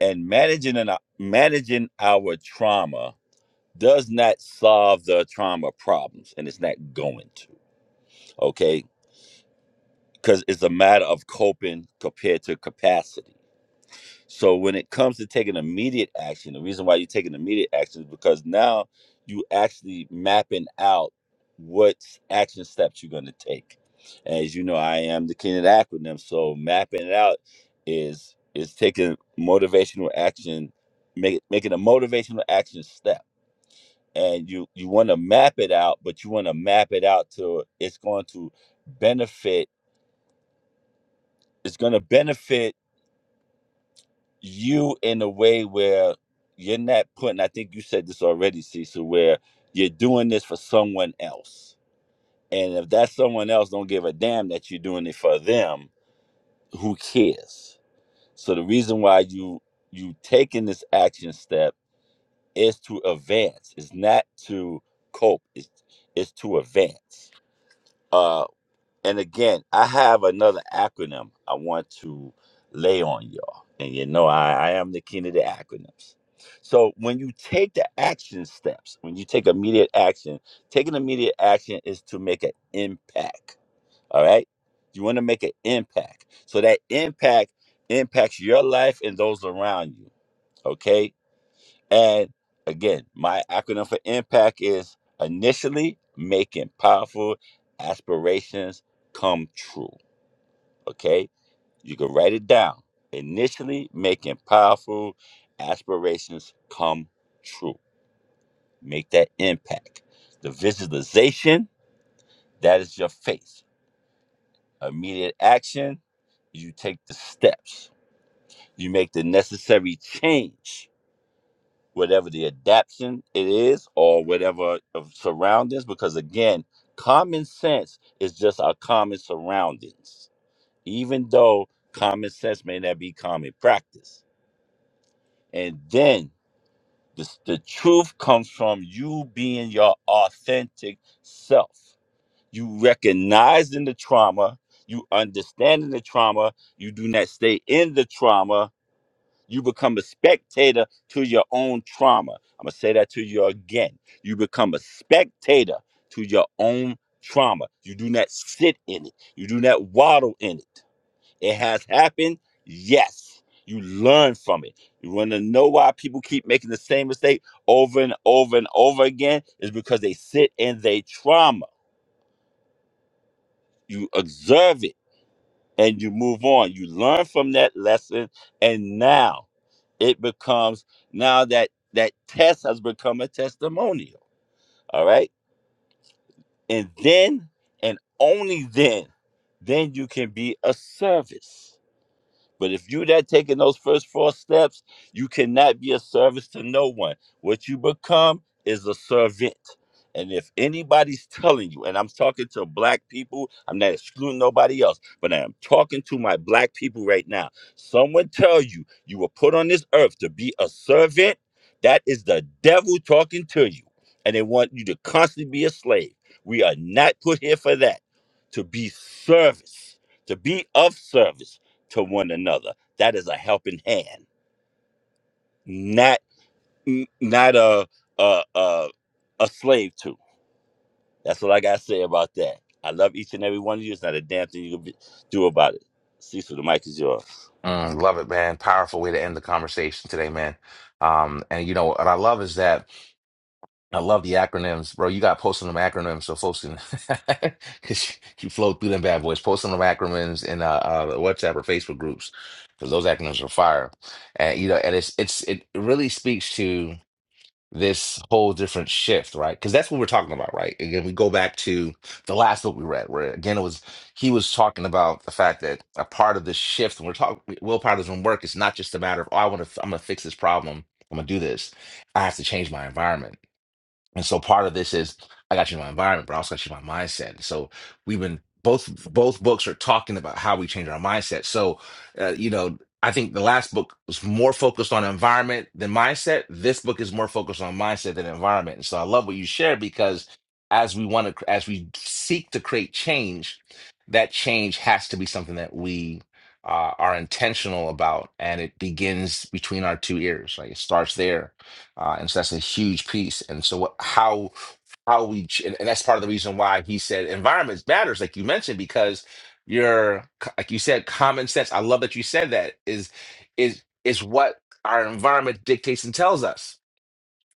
S12: And managing and managing our trauma does not solve the trauma problems and it's not going to. Okay? Cuz it's a matter of coping compared to capacity. So when it comes to taking immediate action, the reason why you're taking immediate action is because now you actually mapping out what action steps you're going to take. As you know, I am the king of the acronym, so mapping it out is is taking motivational action, make, making a motivational action step. And you you want to map it out, but you want to map it out to it's going to benefit. It's going to benefit you in a way where you're not putting i think you said this already cecil where you're doing this for someone else and if that someone else don't give a damn that you're doing it for them who cares so the reason why you you taking this action step is to advance it's not to cope it's it's to advance Uh. And again, I have another acronym I want to lay on y'all. And you know, I, I am the king of the acronyms. So when you take the action steps, when you take immediate action, taking immediate action is to make an impact. All right. You want to make an impact. So that impact impacts your life and those around you. Okay. And again, my acronym for impact is initially making powerful aspirations come true. Okay, you can write it down. Initially, making powerful aspirations come true. Make that impact. The visualization, that is your faith. Immediate action, you take the steps. You make the necessary change, whatever the adaptation it is or whatever of surroundings, because again, common sense is just our common surroundings, even though common sense may not be common practice And then the, the truth comes from you being your authentic self. You recognizing the trauma, you understanding the trauma, you do not stay in the trauma. You become a spectator to your own trauma. I'm gonna say that to you again. You become a spectator to your own trauma. You do not sit in it. You do not waddle in it. It has happened. Yes. You learn from it. You want to know why people keep making the same mistake over and over and over again? Is because they sit in their trauma. You observe it and you move on. You learn from that lesson. And now it becomes, now that that test has become a testimonial. All right. And then, and only then, then you can be a service. But if you that taking those first four steps, you cannot be a service to no one. What you become is a servant. And if anybody's telling you, and I'm talking to black people, I'm not excluding nobody else, but I am talking to my black people right now. Someone tell you you were put on this earth to be a servant, that is the devil talking to you. And they want you to constantly be a slave. We are not put here for that. To be service, to be of service to one another. That is a helping hand, not n- not a a a, a slave to. That's what I gotta say about that. I love each and every one of you. It's not a damn thing you can be- do about it. Cecil, the mic is yours.
S1: Mm, love it, man. Powerful way to end the conversation today, man. Um, and you know what I love is that I love the acronyms, bro. You got posting them acronyms so folks can cause you flow through them bad boys. Posting them acronyms in uh, uh WhatsApp or Facebook groups because those acronyms are fire. And you know, and it's it's it really speaks to this whole different shift, right? Because that's what we're talking about, right? Again, we go back to the last book we read, where again it was he was talking about the fact that a part of this shift, when we're talking willpower doesn't work, it's not just a matter of oh, I want to, I'm gonna fix this problem, I'm gonna do this. I have to change my environment. And so part of this is I got you my environment, but I also got you my mindset. So we've been both both books are talking about how we change our mindset. So uh, you know, I think the last book was more focused on environment than mindset. This book is more focused on mindset than environment. And so I love what you shared because as we want to as we seek to create change, that change has to be something that we uh, are intentional about, and it begins between our two ears. Like it starts there uh, and so that's a huge piece. And so what, how how we ch- and, and that's part of the reason why he said environments matters, like you mentioned, because your c- like you said, common sense. I love that you said that is is is what our environment dictates and tells us.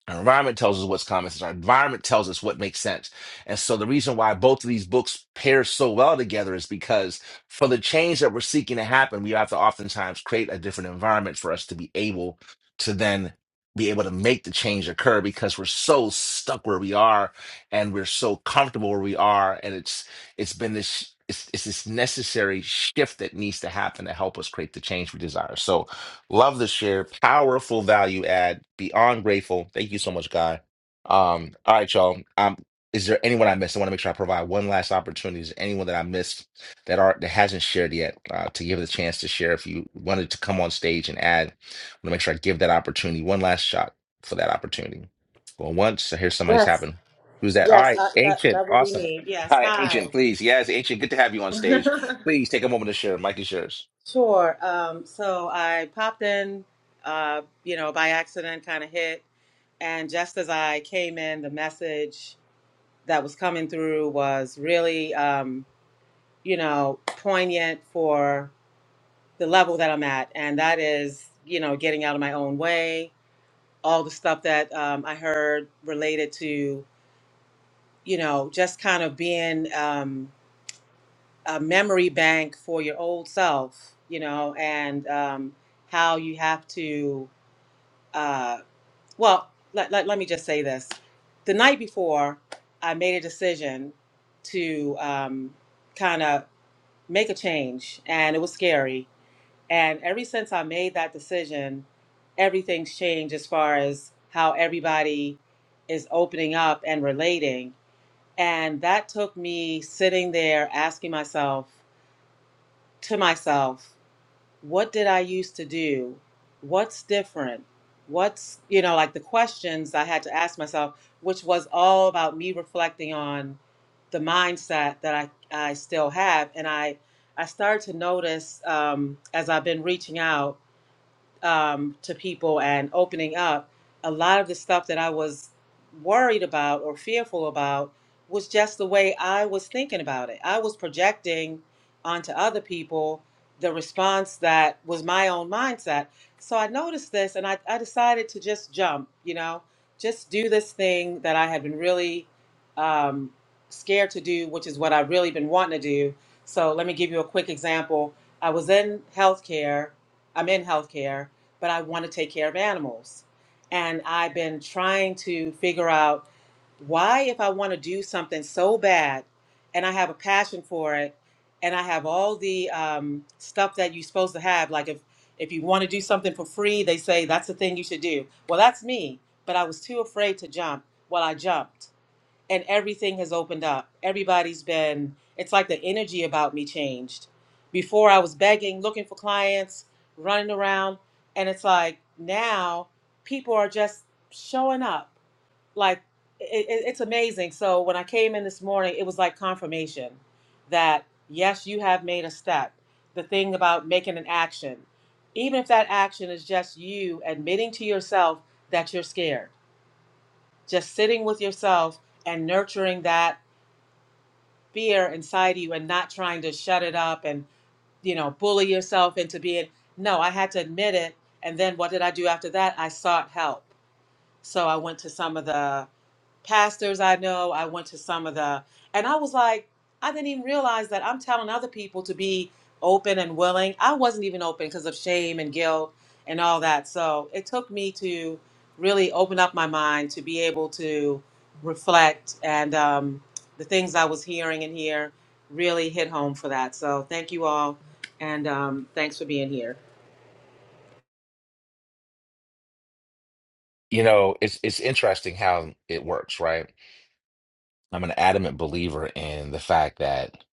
S1: Our environment tells us what's common sense. Our environment tells us what makes sense. And so the reason why both of these books pair so well together is because for the change that we're seeking to happen, we have to oftentimes create a different environment for us to be able to then be able to make the change occur because we're so stuck where we are and we're so comfortable where we are. And it's it's been this it's, it's this necessary shift that needs to happen to help us create the change we desire. So Love the share. Powerful value add. Beyond grateful. Thank you so much, Guy. Um, all right, y'all. Um, is there anyone I missed? I want to make sure I provide one last opportunity. Is there anyone that I missed that are that hasn't shared yet? Uh, to give the chance to share. If you wanted to come on stage and add, I want to make sure I give that opportunity. One last shot for that opportunity. Well, once I hear somebody's
S13: Yes,
S1: happened. Who's that? All
S13: yes,
S1: right,
S13: I, that
S1: ancient.
S13: that would be
S1: Awesome.
S13: me. Yes,
S1: Hi,
S13: hi.
S1: ancient, please. Yes, ancient, good to have you on stage. Please take a moment to share. Mike is yours.
S13: Sure. Um, so I popped in, uh, you know, by accident, kind of hit, and just as I came in, the message that was coming through was really, um, you know, poignant for the level that I'm at, and that is, you know, getting out of my own way. All the stuff that um, I heard related to, you know, just kind of being. Um, a memory bank for your old self, you know, and um, how you have to. Uh, well, let, let, let me just say this. The night before, I made a decision to um, kind of make a change, and it was scary. And ever since I made that decision, everything's changed as far as how everybody is opening up and relating. And that took me sitting there asking myself, to myself what did I used to do? What's different? What's, you know, like the questions I had to ask myself, which was all about me reflecting on the mindset that I, I still have. And I, I started to notice um, as I've been reaching out um, to people and opening up, a lot of the stuff that I was worried about or fearful about was just the way I was thinking about it. I was projecting onto other people the response that was my own mindset. So I noticed this and I, I decided to just jump, you know, just do this thing that I had been really um, scared to do, which is what I've really been wanting to do. So let me give you a quick example. I was in healthcare. I'm in healthcare but I want to take care of animals. And I've been trying to figure out why, if I want to do something so bad and I have a passion for it, and I have all the um, stuff that you're supposed to have, like if, if you want to do something for free, they say that's the thing you should do. Well, that's me, but I was too afraid to jump. Well, I jumped and everything has opened up. Everybody's been, it's like the energy about me changed. Before I was begging, looking for clients, running around, and it's like now people are just showing up. Like it, it- it's amazing. So when I came in this morning, it was like confirmation that yes, you have made a step. The thing about making an action, even if that action is just you admitting to yourself that you're scared, just sitting with yourself and nurturing that fear inside you and not trying to shut it up and you know bully yourself into being no i had to admit it and then what did i do after that i sought help so i went to some of the pastors I know, I went to some of the, and I was like, I didn't even realize that I'm telling other people to be open and willing. I wasn't even open because of shame and guilt and all that. So it took me to really open up my mind to be able to reflect and um, the things I was hearing and here really hit home for that. So thank you all. And um, thanks for being here.
S1: You know, it's it's interesting how it works, right? I'm an adamant believer in the fact that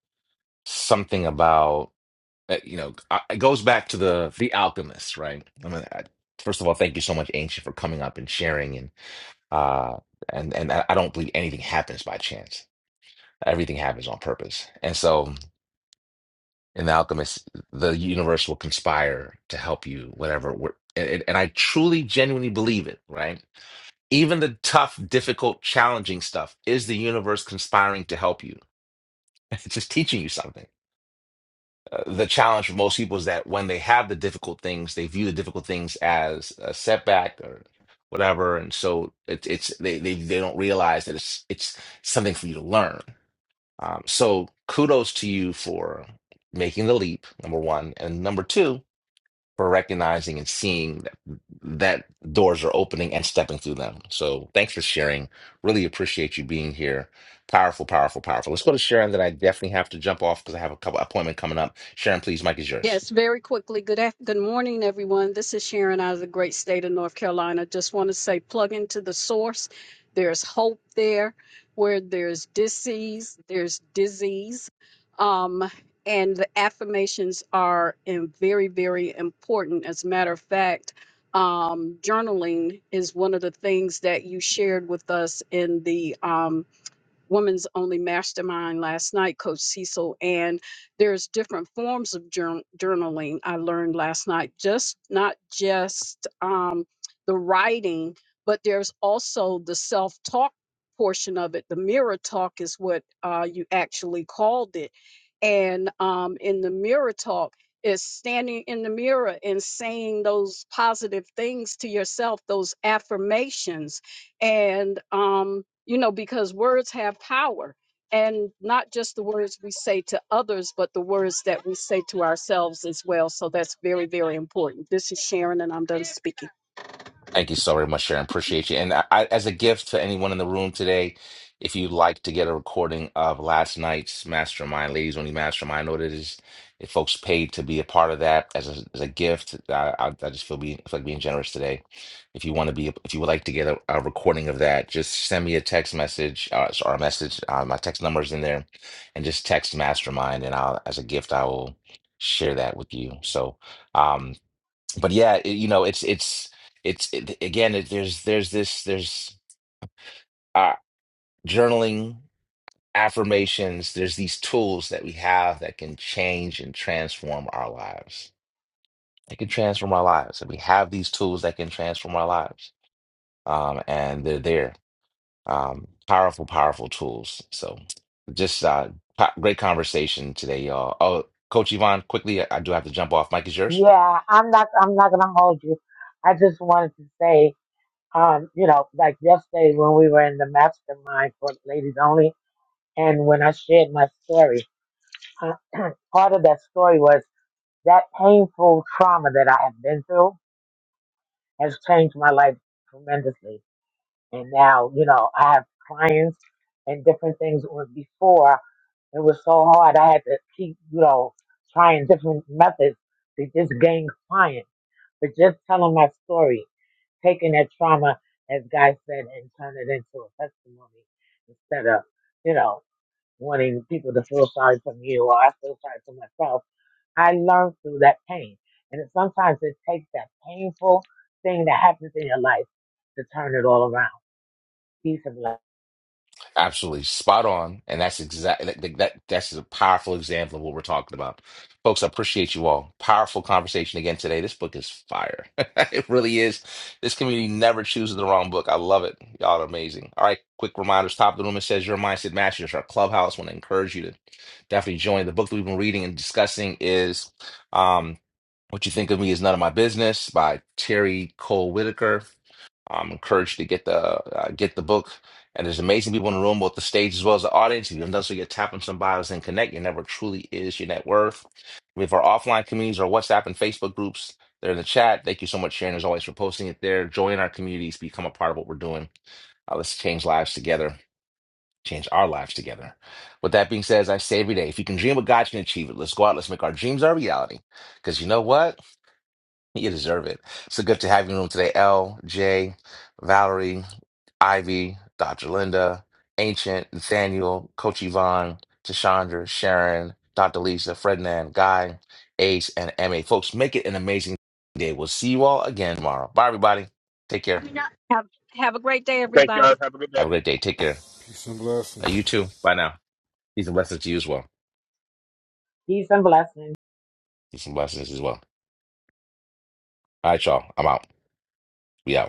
S1: something about uh, you know I- it goes back to the the alchemist, right? I mean, I, first of all, thank you so much, Ancient, for coming up and sharing, and uh, and and I I don't believe anything happens by chance. Everything happens on purpose, and so in the alchemist, the universe will conspire to help you, whatever. we're- And, and I truly, genuinely believe it, right? Even the tough, difficult, challenging stuff is the universe conspiring to help you. It's just teaching you something. Uh, the challenge for most people is that when they have the difficult things, they view the difficult things as a setback or whatever, and so it, it's they, they they don't realize that it's it's something for you to learn. Um, so kudos to you for making the leap, number one, and number two for recognizing and seeing that, that doors are opening and stepping through them. So thanks for sharing. Really appreciate you being here. Powerful, powerful, powerful. Let's go to Sharon. Then I definitely have to jump off because I have a couple appointment coming up. Sharon, please, Mike is yours.
S4: Yes, very quickly. Good af- good morning, everyone. This is Sharon out of the great state of North Carolina. Just want to say plug into the source. There's hope there where there's disease, there's disease. Um, and the affirmations are in very, very important. As a matter of fact, um, journaling is one of the things that you shared with us in the um, women's only mastermind last night, Coach Cecil, and there's different forms of jour- journaling I learned last night, just not just um, the writing, but there's also the self talk portion of it. The mirror talk is what uh, you actually called it. And um, in the mirror talk, is standing in the mirror and saying those positive things to yourself, those affirmations and um you know because words have power and not just the words we say to others but the words that we say to ourselves as well so that's very very important this is sharon and i'm done speaking
S1: Thank you so very much, Sharon. Appreciate you. And I, I- as a gift to anyone in the room today, if you'd like to get a recording of last night's mastermind, ladies only mastermind, I know that is if folks paid to be a part of that as a, as a gift. I, I, I just feel being feel like being generous today. If you want to be, if you would like to get a, a recording of that, just send me a text message uh, or a message. Uh, my text number is in there, and just text mastermind, and I'll as a gift I will share that with you. So. Um, but yeah, it- you know, it's it's it's it, again, it, there's there's this there's uh, journaling, affirmations. There's these tools that we have that can change and transform our lives. It can transform our lives, and we have these tools that can transform our lives, um, and they're there. Um, powerful, powerful tools. So, just uh, po- great conversation today, y'all. Oh, Coach Yvonne, quickly, I I do have to jump off. Mike is yours.
S7: available. Yeah, I'm not. I'm not gonna hold you. I just wanted to say, um, you know, like yesterday when we were in the mastermind for ladies only, and when I shared my story. uh, part of that story was that painful trauma that I have been through has changed my life tremendously. And now, you know, I have clients and different things where before it was so hard. I had to keep, you know, trying different methods to just gain clients. But just telling my story, taking that trauma, as Guy said, and turn it into a testimony instead of, you know, wanting people to feel sorry for me or I feel sorry for myself I learned through that pain. And it, sometimes it takes that painful thing that happens in your life to turn it all around. Peace and blessings.
S1: Absolutely spot on, and that's exactly that, that. That's a powerful example of what we're talking about, folks. I appreciate you all. Powerful conversation again today. This book is fire. it really is. This community never chooses the wrong book. I love it. Y'all are amazing. All right, quick reminders. Top of the room. It says your mindset masters. Our clubhouse. Want to encourage you to definitely join. The book that we've been reading and discussing is um, "What You Think of Me Is None of My Business" by Terry Cole Whitaker. I'm encouraged to get the uh, get the book. And there's amazing people in the room, both the stage as well as the audience. If you don't know, so you're tapping some bios and connect. Your network truly is your net worth. We have our offline communities, our WhatsApp and Facebook groups. They're in the chat. Thank you so much, Sharon, as always, for posting it there. Join our communities, become a part of what we're doing. Uh, let's change lives together, change our lives together. With that being said, as I say every day, if you can dream what God you can achieve it, let's go out, let's make our dreams our reality. Because you know what? You deserve it. So good to have you in the room today, L, J, Valerie, Ivy, Dr. Linda, Ancient, Nathaniel, Coach Yvonne, Tashandra, Sharon, Dr. Lisa, Ferdinand, Guy, Ace, and MA. Folks, make it an amazing day. We'll see you all again tomorrow. Bye, everybody. Take care.
S9: Thanks, guys. Have a good
S1: Have
S9: day.
S1: a great day. Take care.
S14: Peace and blessings.
S1: Uh, You too. Bye now. Peace and blessings to you as well.
S7: Peace and blessings.
S1: Peace and blessings as well. All right, y'all. I'm out. We out.